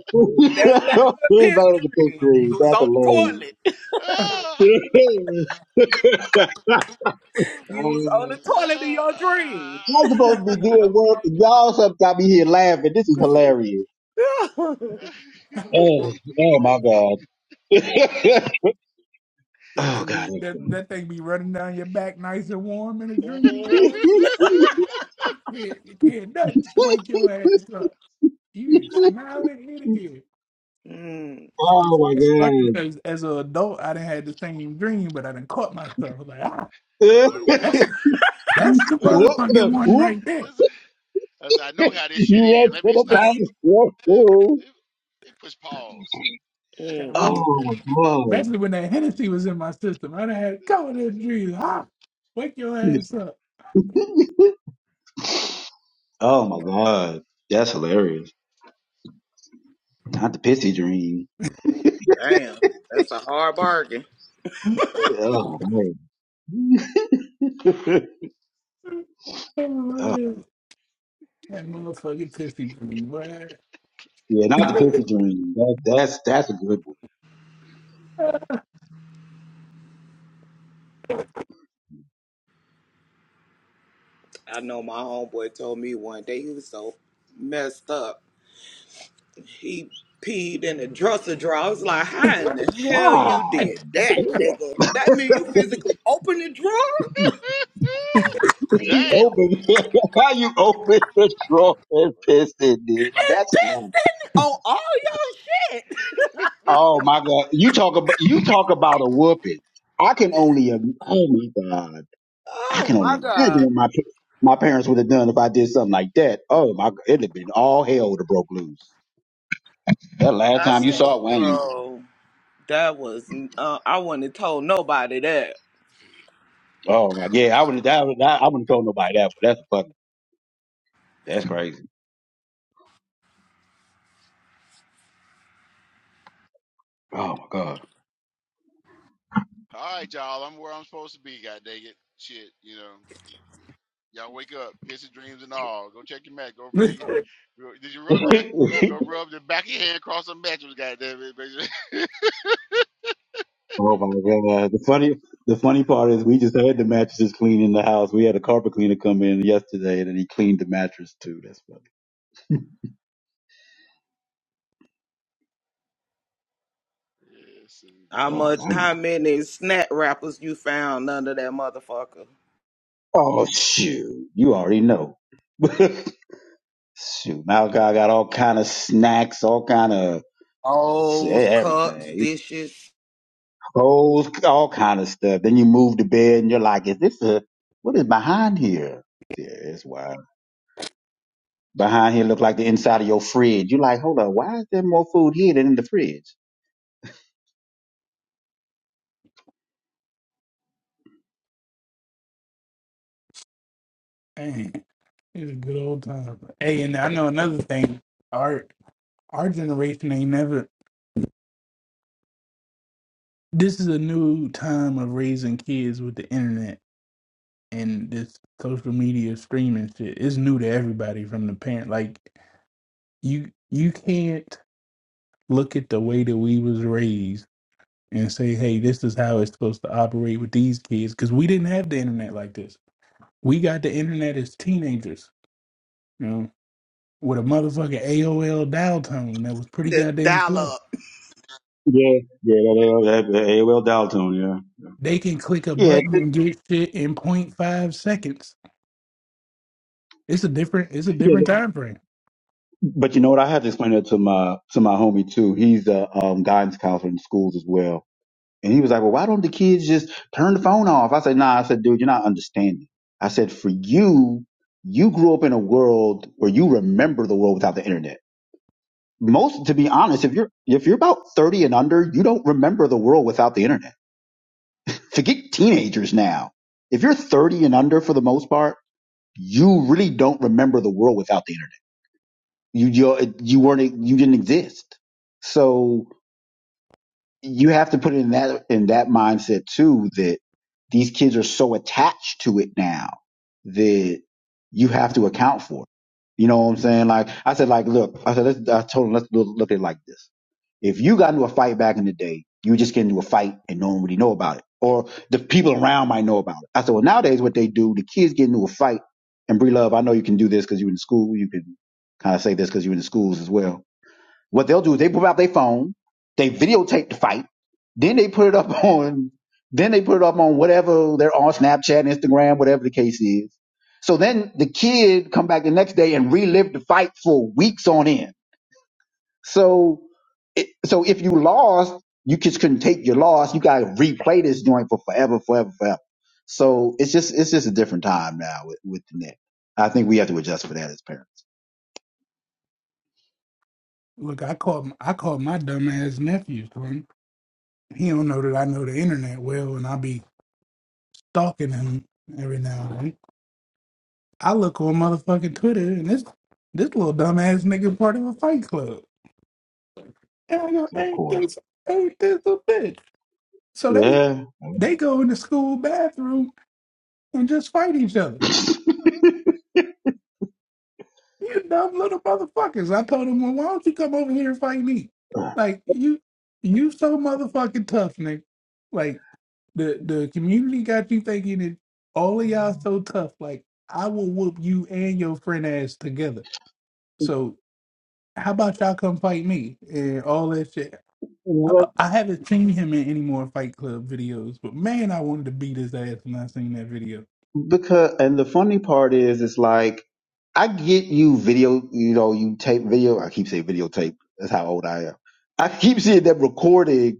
Speaker 7: That's that good
Speaker 10: He's
Speaker 7: piss
Speaker 10: better to think
Speaker 7: dream. You was
Speaker 10: that's
Speaker 7: on the
Speaker 10: hilarious.
Speaker 7: toilet.
Speaker 10: I'm
Speaker 7: You was on the toilet in your dream.
Speaker 10: supposed to be doing work and y'all sometimes got me here laughing. This is hilarious. Oh, oh my god.
Speaker 8: That
Speaker 10: oh
Speaker 8: thing
Speaker 10: god.
Speaker 8: be that, that thing be running down
Speaker 3: huh?
Speaker 8: your back nice and warm in a dream,
Speaker 7: Mm,
Speaker 8: bro.
Speaker 3: I
Speaker 8: You can't, you can't nothing to wake your ass up. You smiling in the ear.
Speaker 7: mm,
Speaker 8: It's,
Speaker 10: oh my
Speaker 8: it's funny
Speaker 10: god.
Speaker 8: because as an adult, I done had the same dream, but I done caught myself like, ah,
Speaker 3: was like, whoop.
Speaker 8: that's that's the
Speaker 3: I,
Speaker 10: whoop, no,
Speaker 8: motherfucking one
Speaker 10: whoop.
Speaker 8: right there.
Speaker 3: that's- that's- I know how this shit
Speaker 10: You ran
Speaker 3: ends.
Speaker 10: to
Speaker 3: Let me
Speaker 10: the
Speaker 8: that
Speaker 3: stop.
Speaker 10: bank. Whoop,
Speaker 3: It,
Speaker 10: whoop.
Speaker 3: it, it pushed pause.
Speaker 7: mm,
Speaker 8: wakes,
Speaker 10: Oh
Speaker 7: mm.
Speaker 10: my god.
Speaker 8: especially when that Hennessy was in my system. I done had a couple of them dreams. Ah, wake your ass up.
Speaker 10: Oh my god. That's hilarious. Not the pissy dream.
Speaker 7: Damn, that's a hard bargain.
Speaker 8: that
Speaker 10: Oh man. oh,
Speaker 8: motherfucking pissy dream, boy.
Speaker 10: yeah, not the pissy dream. That, that's that's a good one.
Speaker 7: I know my homeboy told me one day he was so messed up. He peed in the dresser drawer. I was like, how in the hell
Speaker 10: Ah,
Speaker 7: you
Speaker 8: I
Speaker 7: did that,
Speaker 10: damn.
Speaker 7: nigga? That mean you physically opened the drawer
Speaker 10: he
Speaker 3: Damn.
Speaker 10: opened. How you open the drawer and pissed in it?
Speaker 7: and
Speaker 10: That's
Speaker 7: pissed on all your shit.
Speaker 10: Oh my God! You talk about you talk about a whooping. I can only im- oh my God! I
Speaker 7: Oh
Speaker 10: can only
Speaker 7: my
Speaker 10: imagine
Speaker 7: god.
Speaker 10: what my pa- my parents would have done if I did something like that. Oh my! God, It'd have been all hell would have broke loose. That last
Speaker 7: I
Speaker 10: time you
Speaker 7: said,
Speaker 10: saw Wayne.
Speaker 7: bro, that was uh, I wouldn't have told nobody that.
Speaker 10: Oh my yeah, I would have. I would. I wouldn't told nobody that. But that's fucking. That's crazy. Oh my God.
Speaker 3: All right, y'all. I'm where I'm supposed to be. God dang it. Shit, you know. Y'all wake up, pissy dreams and all. Go check your mat. Go feel
Speaker 8: Man,
Speaker 3: you. Go, did you rub your?
Speaker 10: oh
Speaker 3: Go rub the back of your hand across the mattress. Goddamn it, baby. yes,
Speaker 10: my God! The funny the funny part is we just had the mattresses cleaned in the house. We had a carpet cleaner come in yesterday and then he cleaned the mattress too. That's funny.
Speaker 7: How
Speaker 3: indeed.
Speaker 7: much
Speaker 10: Oh
Speaker 7: how many snack wrappers you found under that motherfucker?
Speaker 10: Oh shoot, you already know. shoot, Malachi got all kind of snacks, all kind of
Speaker 7: O's, cups,
Speaker 10: everything,
Speaker 7: dishes,
Speaker 10: clothes, all kind of stuff. Then you move to bed and you're like, "Is this a what is behind here?" Yeah, it's wild. Behind here look like the inside of your fridge. You're like, "Hold on, why is there more food here than in the fridge?"
Speaker 8: it's a good old time. Hey, and I know another thing. Our our generation ain't never. This is a new time of raising kids with the internet and this social media streaming shit. It's new to everybody from the parent. Like you, you can't look at the way that we was raised and say, "Hey, this is how it's supposed to operate with these kids," because we didn't have the internet like this. We got the internet as teenagers. with a motherfucking AOL dial tone that was pretty
Speaker 7: the
Speaker 8: goddamn slow.
Speaker 7: dial
Speaker 10: Yeah, yeah, that, that, that AOL dial tone, yeah,
Speaker 8: They can click a
Speaker 10: yeah,
Speaker 8: button
Speaker 10: it-
Speaker 8: and get shit in point five seconds. It's a different it's a
Speaker 10: yeah.
Speaker 8: different time frame.
Speaker 10: But you know what? I had to explain that to my to my homie too. He's a um, guidance counselor in schools as well, and he was like, "Well, why don't the kids just turn the phone off?" I said, "Nah," I said, "Dude, you're not understanding." I said, "For you, you grew up in a world where you remember the world without the internet. Most, to be honest, if you're if you're about thirty and under, you don't remember the world without the internet. Forget teenagers now. If you're thirty and under, for the most part." you really don't remember the world without the internet. You you you weren't you didn't exist. So you have to put it in that in that mindset too that these kids are so attached to it now that you have to account for it. You know what I'm saying? Like I said, like look, I said let's I told them let's look look at it like this. If you got into a fight back in the day, you would just get into a fight and no one really know about it. Or the people around might know about it. I said, well, nowadays what they do, the kids get into a fight. And Bree Love, I know you can do this because you're in school. You can kind of say this because you're in the schools as well. What they'll do is they pull out their phone, they videotape the fight, then they put it up on, then they put it up on whatever they're on Snapchat, Instagram, whatever the case is. So then the kid come back the next day and relive the fight for weeks on end so, it, so if you lost, you just couldn't take your loss. You got to replay this joint for forever, forever, forever. So it's just it's just a different time now with, with the net. I think we have to adjust for that as parents,
Speaker 8: Look, I called I called my dumbass nephew. son. He don't know that I know the internet well, and I be stalking him every now and then. I look on motherfucking Twitter, and this this little dumbass nigga part of a fight club. And I go,
Speaker 10: of
Speaker 8: ain't
Speaker 10: course.
Speaker 8: this ain't this a bitch? So they
Speaker 10: Yeah.
Speaker 8: they go in the school bathroom and just fight each other. You dumb little motherfuckers. I told him, well, why don't you come over here and fight me? Like you you so motherfucking tough, nigga. Like the the community got you thinking that all of y'all so tough. Like I will whoop you and your friend ass together. So how about y'all come fight me and all that shit? I, I
Speaker 10: What?
Speaker 8: haven't seen him in any more Fight Club videos, but man, I wanted to beat his ass when I seen that video.
Speaker 10: Because and the funny part is, it's like I get you video. You know, you tape video. I keep saying videotape. That's how old I am. I keep seeing them recording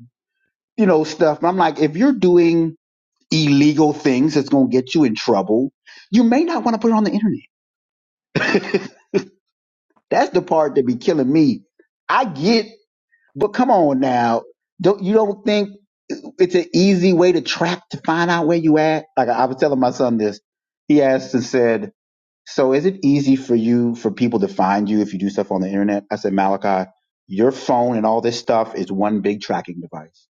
Speaker 10: you know, stuff. I'm like, if you're doing illegal things that's going to get you in trouble, you may not want to put it on the internet. that's the part that be killing me. I get, but come on now. Don't, you don't think it's an easy way to track to find out where you at? Like I, I was telling my son this. He asked and said, so is it easy for you, for people to find you if you do stuff on the internet? I said, Malachi, your phone and all this stuff is one big tracking device.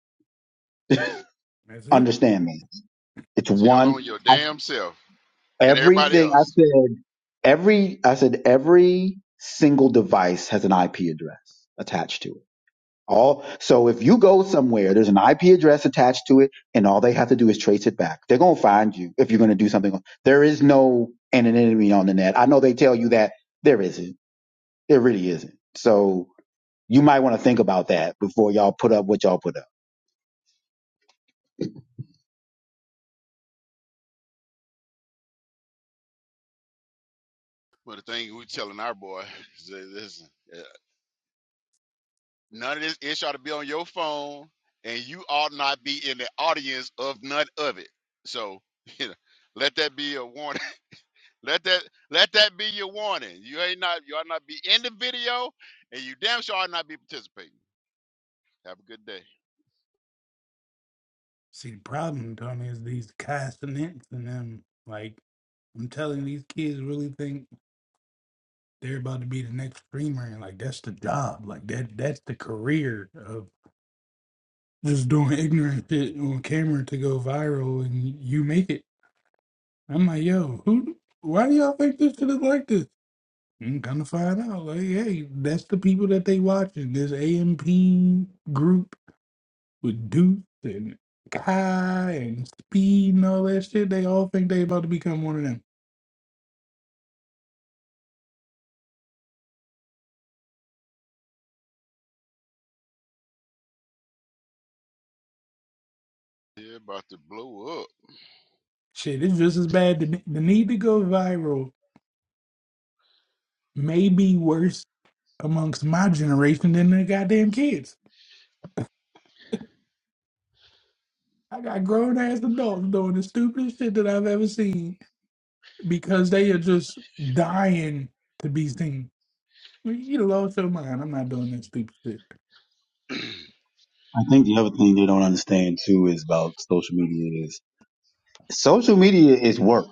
Speaker 8: That's it.
Speaker 10: Understand me. It's
Speaker 3: Tell
Speaker 10: one.
Speaker 3: on your damn self and everybody
Speaker 10: Everything I
Speaker 3: else.
Speaker 10: said, every I said every single device has an IP address attached to it. All so if you go somewhere, there's an IP address attached to it, and all they have to do is trace it back. They're gonna find you if you're gonna do something. There is no anonymity on the net. I know they tell you that there isn't. There really isn't. So you might want to think about that before y'all put up what y'all put up. I
Speaker 3: But the thing we telling our boy is that, listen, uh, none of this it ought to be on your phone, and you ought not be in the audience of none of it. So you know, let that be a warning. Let that let that be your warning. You ain't not you ought not be in the video, and you damn sure ought not be participating. Have a good day.
Speaker 8: See, the problem, Tony, is these castanets and them. Like, I'm telling you, these kids really think they're about to be the next streamer, and like that's the job, like that that's the career of just doing ignorant shit on camera to go viral, and you make it. I'm like, yo, who? Why do y'all think this shit is like this? I'm gonna find out. Like, hey, that's the people that they watching. This AMP group with Deuce and Kai and Speed and all that shit, they all think they about to become one of them.
Speaker 3: They're about to blow up.
Speaker 8: Shit, it's just as bad. The, the need to go viral may be worse amongst my generation than the goddamn kids. I got grown ass adults doing the stupidest shit that I've ever seen because they are just dying to be seen. You lost your mind. I'm not doing that stupid shit.
Speaker 10: think the other thing they don't understand too is about social media is social media is work.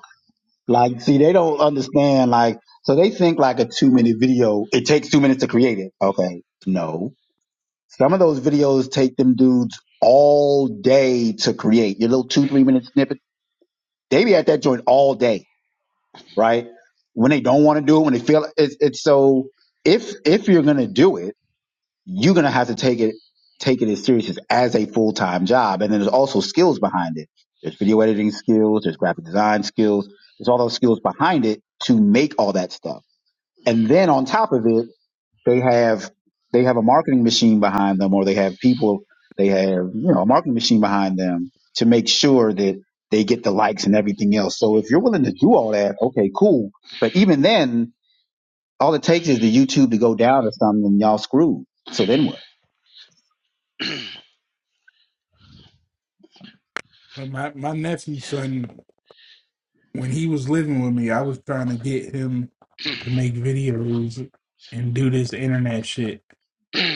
Speaker 10: Like, see, they don't understand. Like, so they think like a two minute video. It takes two minutes to create it. Okay, no. Some of those videos take them dudes all day to create. Your little two three minute snippet. They be at that joint all day, right? When they don't want to do it, when they feel it's it's so. If if you're gonna do it, you're gonna have to take it take it as serious as, as a full time job, and then there's also skills behind it. There's video editing skills, there's graphic design skills, there's all those skills behind it to make all that stuff, and then on top of it they have they have a marketing machine behind them, or they have people. They have you know a marketing machine behind them to make sure that they get the likes and everything else. So if you're willing to do all that, okay, cool. But even then, all it takes is the YouTube to go down or something, and y'all screwed. So then what?
Speaker 8: But My my nephew's son when he was living with me, I was trying to get him to make videos and do this internet shit.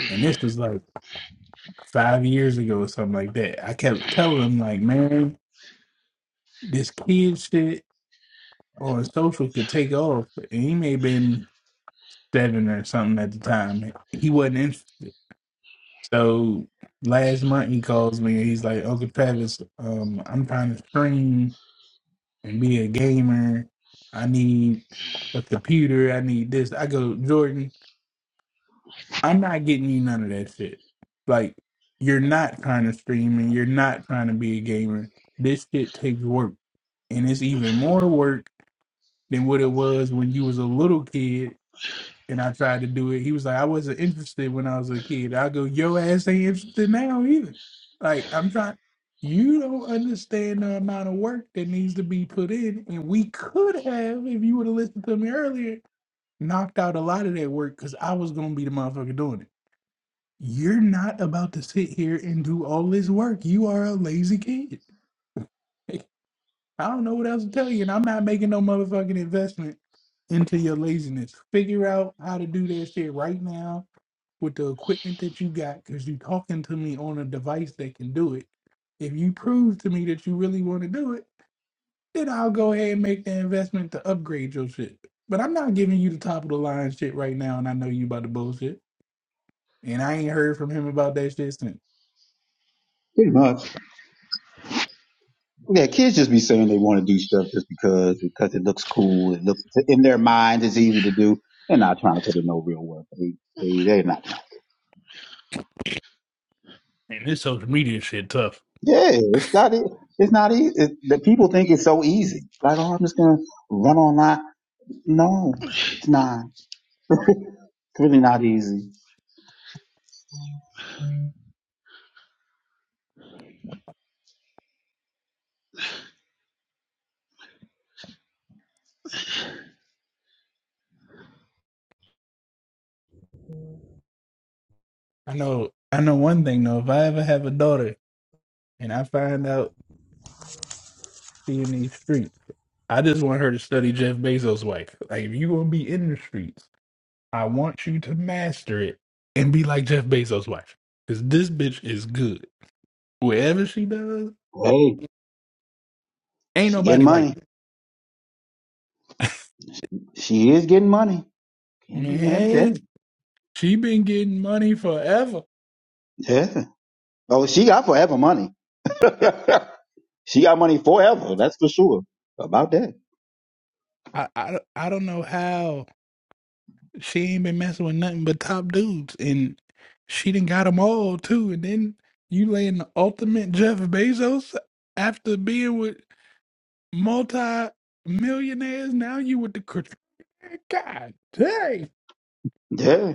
Speaker 8: And this was like five years ago or something like that. I kept telling him like, man, this kid shit on social could take off. And he may have been seven or something at the time. He wasn't interested. So last month he calls me and he's like, Uncle Travis, um, I'm trying to stream and be a gamer. I need a computer. I need this. I go, Jordan, I'm not getting you none of that shit. Like, you're not trying to stream and you're not trying to be a gamer. This shit takes work. And it's even more work than what it was when you was a little kid and I tried to do it. He was like, I wasn't interested when I was a kid. I go, your ass ain't interested now either. Like, I'm trying. You don't understand the amount of work that needs to be put in. And we could have, if you would have listened to me earlier, knocked out a lot of that work because I was going to be the motherfucker doing it. You're not about to sit here and do all this work. You are a lazy kid. I don't know what else to tell you, and I'm not making no motherfucking investment into your laziness. Figure out how to do that shit right now with the equipment that you got, because you talking to me on a device that can do it. If you prove to me that you really want to do it, then I'll go ahead and make the investment to upgrade your shit. But I'm not giving you the top of the line shit right now, and I know you about the bullshit. And I ain't heard from him about that shit since.
Speaker 10: Pretty much. Yeah, kids just be saying they want to do stuff just because because it looks cool. It looks in their minds it's easy to do. They're not trying to put in no real work. They, they they're not.
Speaker 8: And this social media shit tough.
Speaker 10: Yeah, it's not. e- It's not easy. It, the people think it's so easy. Like, oh, I'm just gonna run online. No, it's not. It's really not easy.
Speaker 8: I know I know one thing though. If I ever have a daughter and I find out she in these streets, I just want her to study Jeff Bezos' wife. Like if you gonna be in the streets, I want you to master it and be like Jeff Bezos' wife. Cause this bitch is good. Wherever she does,
Speaker 10: Hey,
Speaker 8: ain't
Speaker 10: she getting
Speaker 8: nobody like
Speaker 10: money.
Speaker 8: her.
Speaker 10: She is getting money. Can't be mad at
Speaker 8: Man,
Speaker 10: that.
Speaker 8: she been getting money forever.
Speaker 10: Yeah. Oh, she got forever money. she got money forever. That's for sure. About that.
Speaker 8: I, I, I don't know how. She ain't been messing with nothing but top dudes, and she done got them all too. And then you laying the ultimate Jeff Bezos after being with multi millionaires. Now you with the Kar- God dang,
Speaker 10: Yeah.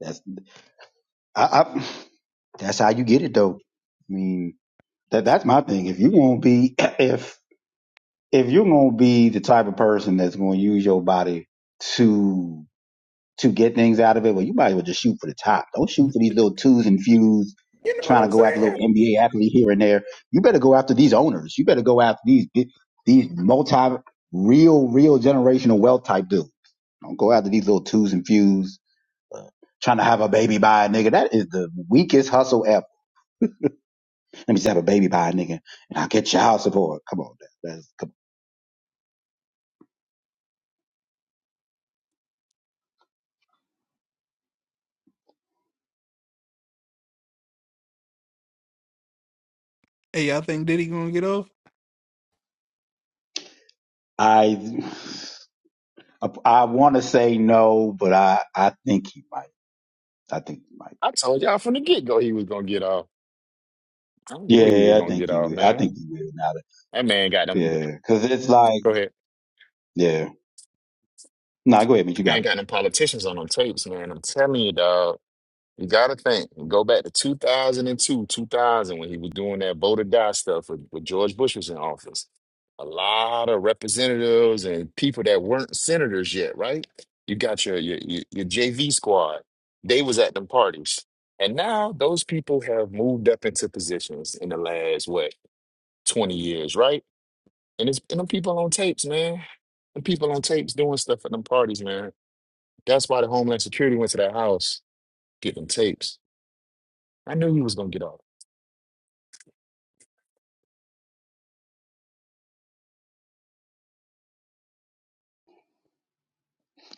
Speaker 10: That's. I, I. That's how you get it though. I mean, that that's my thing. If you won't be, if if you're gonna be the type of person that's gonna use your body to to get things out of it, well, you might as well just shoot for the top. Don't shoot for these little twos and fews,
Speaker 8: you know what
Speaker 10: trying to
Speaker 8: I'm
Speaker 10: go after little
Speaker 8: saying?
Speaker 10: NBA athlete here and there. You better go after these owners. You better go after these these multi real real generational wealth type dudes. Don't go after these little twos and fews. uh, Trying to have a baby by a nigga. That is the weakest hustle ever. Let me just have a baby by a nigga and I'll get child support. Come on. that's, come,
Speaker 8: Hey, y'all think Diddy gonna get off?
Speaker 10: on. I, I, I want to say no, but I, I think he might. I think he might.
Speaker 6: I told y'all from the get go he was gonna get off. I don't know
Speaker 10: Yeah,
Speaker 6: he was
Speaker 10: yeah, I
Speaker 6: gonna
Speaker 10: think
Speaker 6: get
Speaker 10: he
Speaker 6: off,
Speaker 10: will. I think
Speaker 6: man.
Speaker 10: he will now. That,
Speaker 6: That man got them.
Speaker 10: yeah, because it's like,
Speaker 6: Go ahead.
Speaker 10: yeah. Nah, go ahead, man. You
Speaker 6: I
Speaker 10: got
Speaker 6: ain't
Speaker 10: it.
Speaker 6: got no politicians on them tapes, man. I'm telling you, dog. You gotta think. Go back to 2002, 2000, when he was doing that vote or die stuff with, with George Bush was in office. A lot of representatives and people that weren't senators yet, right? You got your your, your, your JV squad. They was at them parties, and now those people have moved up into positions in the last what 20 years, right? And it's and them people on tapes, man. Them people on tapes doing stuff at them parties, man. That's why the Homeland Security went to that house getting tapes. I knew he was gonna get off.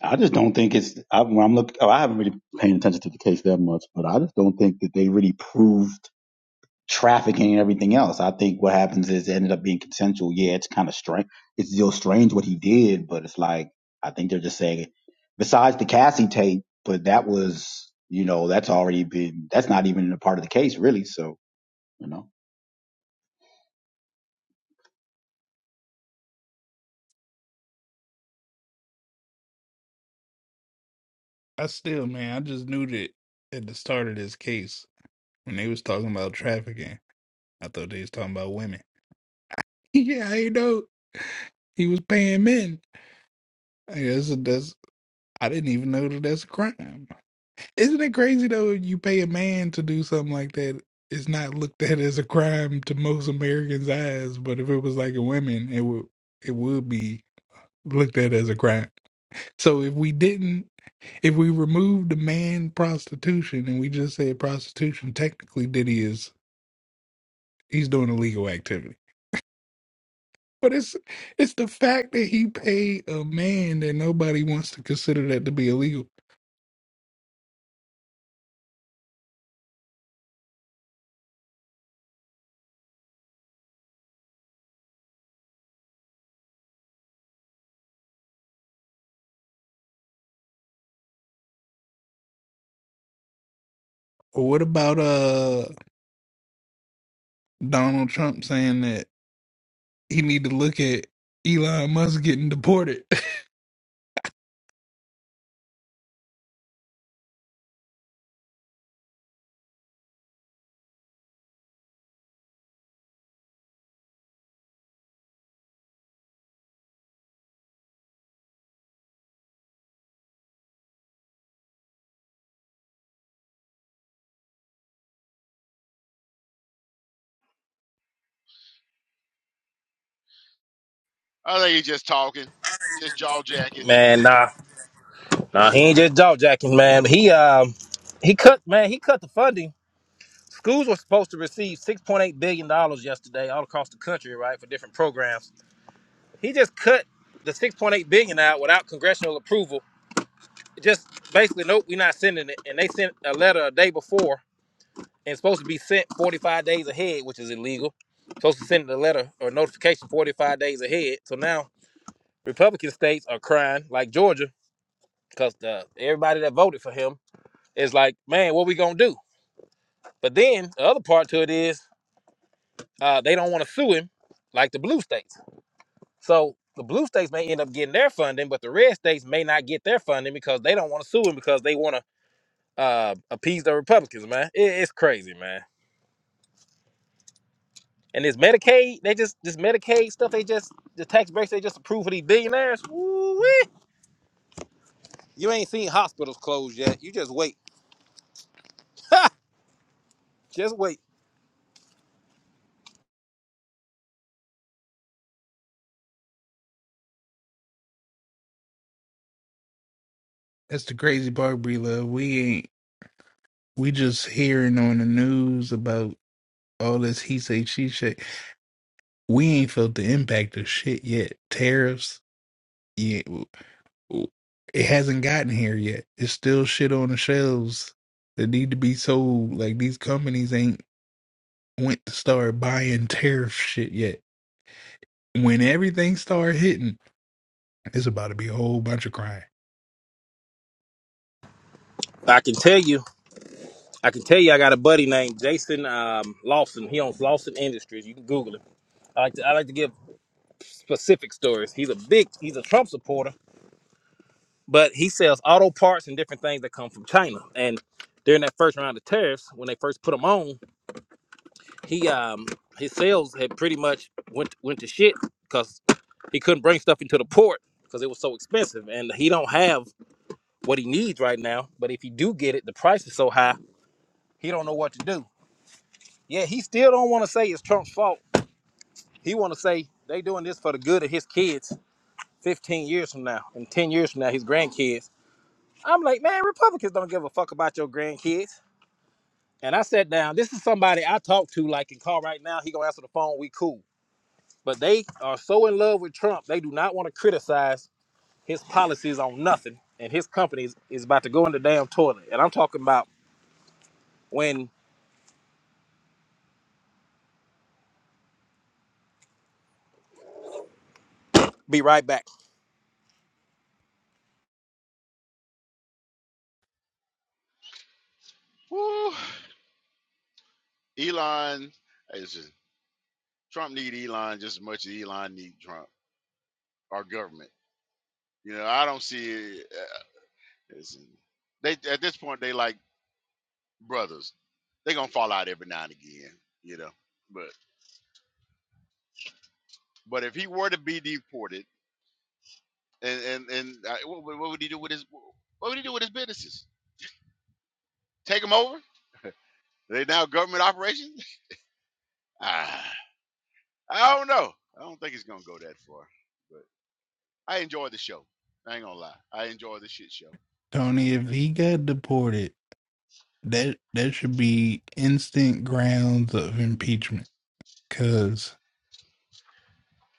Speaker 10: I just don't think it's. I, when I'm look. Oh, I haven't really paying attention to the case that much, but I just don't think that they really proved trafficking and everything else. I think what happens is it ended up being consensual. Yeah, it's kind of strange. It's still strange what he did, but it's like I think they're just saying. Besides the Cassie tape, but that was you know that's already been that's not even a part of the case really. So you know.
Speaker 8: I still, man, I just knew that at the start of this case when they was talking about trafficking, I thought they was talking about women. yeah, I know he was paying men. I guess that's I didn't even know that that's a crime. Isn't it crazy though? if You pay a man to do something like that. It's not looked at as a crime to most Americans' eyes, but if it was like a woman, it would it would be looked at as a crime. So if we didn't, if we removed the man prostitution and we just said prostitution, technically, Diddy is he's doing illegal activity. But it's it's the fact that he paid a man that nobody wants to consider that to be illegal. Or what about uh? Donald Trump saying that he need to look at Elon Musk getting deported.
Speaker 3: I think he's just talking, just jaw jacking.
Speaker 9: Man, nah, nah, he ain't just jaw jacking, man. he um he cut man, he cut the funding schools were supposed to receive six point eight billion dollars yesterday, all across the country, right, for different programs. He just cut the six point eight billion out without congressional approval. Just basically, nope, we're not sending it. And they sent a letter a day before, and it's supposed to be sent forty five days ahead, which is illegal. Supposed to send the letter or notification forty five days ahead. So now Republican states are crying, like Georgia, because everybody that voted for him is like, man, what we gonna do? But then the other part to it is uh, they don't want to sue him like the blue states. So the blue states may end up getting their funding, but the red states may not get their funding because they don't want to sue him because they want to uh, appease the Republicans, man. It, it's crazy, man. And this Medicaid, they just this Medicaid stuff, they just the tax breaks they just approve for these billionaires. Woo-wee. You ain't seen hospitals closed yet. You just wait. just wait.
Speaker 8: That's the crazy part, Bree Love. We ain't we just hearing on the news about all this he say she say. We ain't felt the impact of shit yet. Tariffs, yeah, w- w- it hasn't gotten here yet. It's still shit on the shelves that need to be sold. Like these companies ain't went to start buying tariff shit yet. When everything start hitting, it's about to be a whole bunch of crime.
Speaker 9: I can tell you. I can tell you. I got a buddy named Jason um, Lawson. He owns Lawson Industries. You can Google him. I like to. I like to give specific stories. He's a big, he's a Trump supporter, but he sells auto parts and different things that come from China. And during that first round of tariffs, when they first put him on, he um his sales had pretty much went went to shit because he couldn't bring stuff into the port because it was so expensive, and he don't have what he needs right now. But if he do get it, the price is so high, he don't know what to do. Yeah, he still don't want to say it's Trump's fault. He want to say they doing this for the good of his kids. 15 years from now and 10 years from now, his grandkids I'm like, man, Republicans don't give a fuck about your grandkids. And I sat down. This is somebody I talk to, like in call right now. He gonna answer the phone. We cool. But they are so in love with Trump, they do not want to criticize his policies on nothing. And his company is, is about to go in the damn toilet. And I'm talking about when be right back.
Speaker 3: Woo. Elon, it's just, Trump need Elon just as much as Elon need Trump. Our government. You know, I don't see it. uh, it's- They at this point they like brothers. They gonna fall out every now and again. You know, but but if he were to be deported, and and and uh, what, would- what would he do with his what would he do with his businesses? Take them over? they now government operations? Ah, I don't know. I don't think he's gonna go that far. But I enjoyed the show. I ain't gonna lie. I enjoyed the shit show.
Speaker 8: Tony,
Speaker 3: Just-
Speaker 8: if
Speaker 3: that's
Speaker 8: he got deported, that that should be instant grounds of impeachment because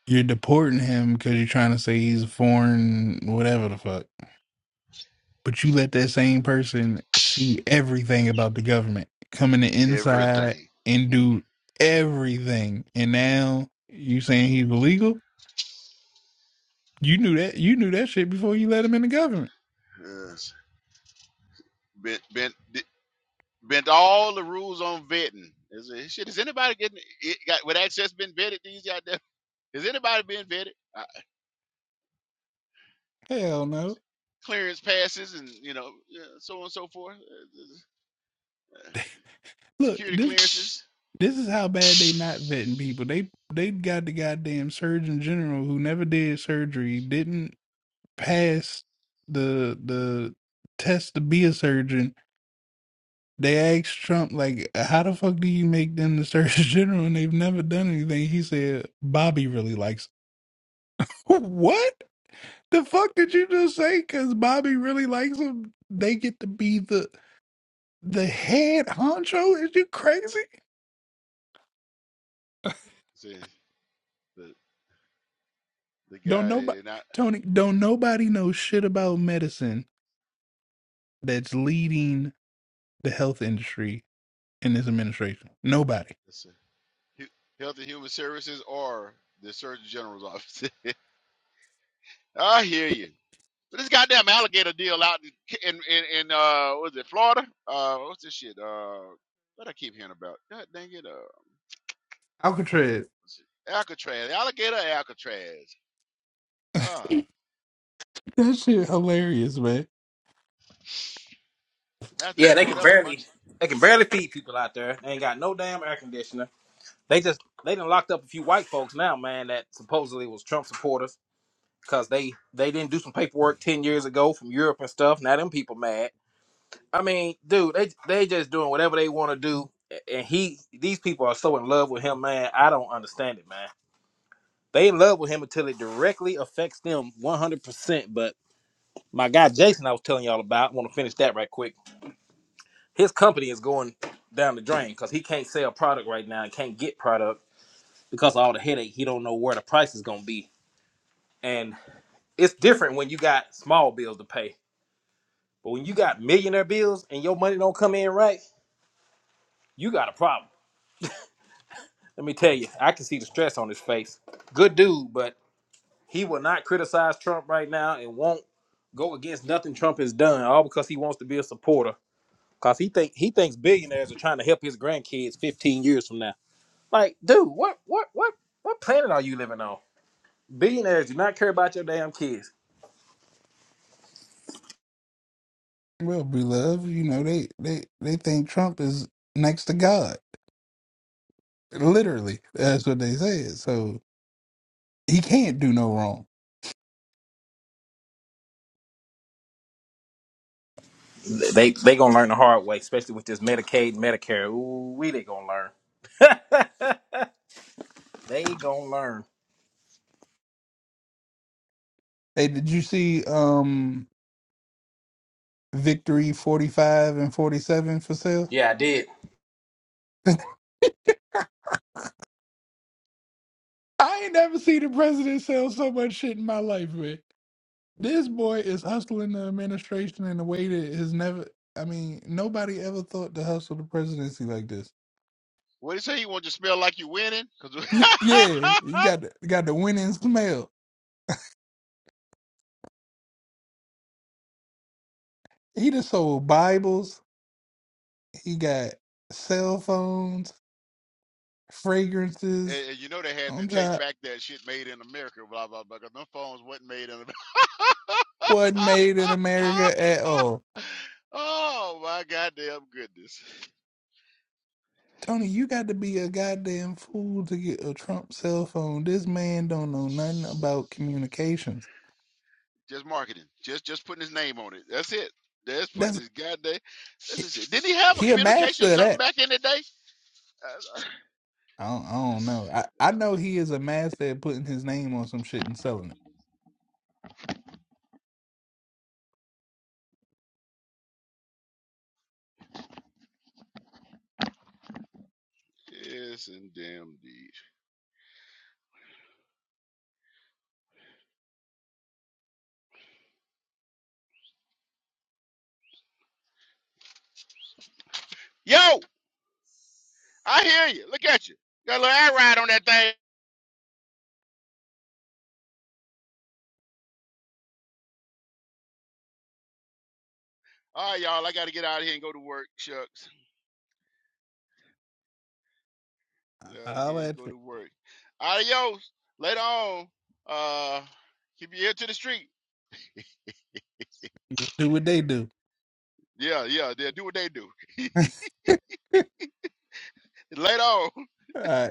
Speaker 8: you're deporting him because you're trying to say he's a foreign whatever the fuck. But you let that same person see everything about the government coming in the
Speaker 3: yeah.
Speaker 8: inside
Speaker 3: everything.
Speaker 8: and
Speaker 3: hmm
Speaker 8: do everything, and now you saying he's illegal. You knew that. You knew that shit before you let him in the government.
Speaker 3: Yes. Ben, ben, did, Bent all the rules on vetting. Is it, shit, is anybody getting it got with access been vetted these goddamn? Is anybody being vetted? Uh,
Speaker 8: Hell no.
Speaker 3: clearance passes and you know yeah, so on and so forth. Uh, uh,
Speaker 8: Look,
Speaker 3: Security
Speaker 8: this.
Speaker 3: clearances.
Speaker 8: This is how bad they not vetting people. They they got the goddamn surgeon general who never did surgery, didn't pass the the test to be a surgeon. They asked Trump like, "How the fuck do you make them the surgeon general?" And they've never done anything. He said, "Bobby really likes." Him. what the fuck did you just say? Because Bobby really likes him. They get to be the the head honcho. Is you crazy?
Speaker 3: See, the the
Speaker 8: Don't
Speaker 3: guy
Speaker 8: nobody.
Speaker 3: and I,
Speaker 8: Tony, don't nobody know shit about medicine that's leading the health industry in this administration. Nobody.
Speaker 3: it's, uh, Hu- Health and Human Services or the Surgeon General's office. I hear you. So this goddamn alligator deal out in in, in uh was it Florida? Uh what's this shit? Uh what I keep hearing about? God dang it, uh
Speaker 8: Alcatraz.
Speaker 3: what's it? Alcatraz, alligator or Alcatraz. Uh
Speaker 8: That shit hilarious, man.
Speaker 3: I
Speaker 9: Yeah,
Speaker 3: think
Speaker 9: they
Speaker 3: boy,
Speaker 9: can
Speaker 3: that was a
Speaker 9: barely
Speaker 3: bunch.
Speaker 9: they can barely feed people out there. They ain't got no damn air conditioner. They just they done locked up a few white folks now, man, that supposedly was Trump supporters because they they didn't do some paperwork ten years ago from Europe and stuff. Now them people mad. I mean, dude, they they just doing whatever they want to do, a- and he these people are so in love with him, man. I don't understand it, man. They in love with him until it directly affects them one hundred percent. But my guy Jason, I was telling y'all about, I want to finish that right quick. His company is going down the drain because he can't sell product right now and can't get product because of all the headache. He don't know where the price is gonna be, and it's different when you got small bills to pay But when you got millionaire bills and your money don't come in right, you got a problem. Let me tell you, I can see the stress on his face. Good dude, but he will not criticize Trump right now and won't go against nothing Trump has done, all because he wants to be a supporter. Cause he think he thinks billionaires are trying to help his grandkids 15 years from now. Like, dude, what what what what planet are you living on? Billionaires do not care about your damn kids.
Speaker 8: Well, beloved, you know they they they think Trump is next to God. Literally, that's what they said. So he can't do no wrong.
Speaker 9: They they gonna learn the hard way, especially with this Medicaid, Medicare. Ooh, we they gonna learn. they gonna learn.
Speaker 8: Hey, did you see um Victory forty five and forty seven for sale?
Speaker 9: Yeah, I did.
Speaker 8: I ain't never seen a president sell so much shit in my life, man. This boy is hustling the administration in a way that has never. I mean, nobody ever thought to hustle the presidency like this.
Speaker 3: What he say he want you to smell like you winning? Cause
Speaker 8: yeah, he
Speaker 3: and,
Speaker 8: got the, got the winning smell. He just sold Bibles. He got cell phones, fragrances.
Speaker 3: and you know they had to
Speaker 8: I'm
Speaker 3: take
Speaker 8: trying.
Speaker 3: back that shit made in America, blah blah blah. Cause them phones wasn't made in America.
Speaker 8: What made in America at all?
Speaker 3: oh my goddamn goodness.
Speaker 8: Tony, you got to be a goddamn fool to get a Trump cell phone. This man don't know nothing about communications.
Speaker 3: Just marketing. Just just putting his name on it. That's it. That's
Speaker 8: That's
Speaker 3: putting his goddamn. That's just it. Didn't he have a
Speaker 8: he a
Speaker 3: communication
Speaker 8: master of
Speaker 3: something
Speaker 8: that.
Speaker 3: back in the day? Uh, uh,
Speaker 8: I don't, I don't
Speaker 3: this-
Speaker 8: know. I, I
Speaker 3: oh,
Speaker 8: know he is a master at putting his name on some shit and selling it.
Speaker 3: yes, and damn deed. Yo, I hear you. Look at you. Got a little air ride on that thing. All right, y'all. I got to get out of here and go to work. Shucks. Get out of
Speaker 8: I'll
Speaker 3: here and
Speaker 8: let
Speaker 3: go
Speaker 8: you.
Speaker 3: to work. Adios. Later on. Uh, keep your ear to the street.
Speaker 8: Just do what they do.
Speaker 3: Yeah, yeah. They do what they do.
Speaker 8: All
Speaker 3: Later on.
Speaker 8: right.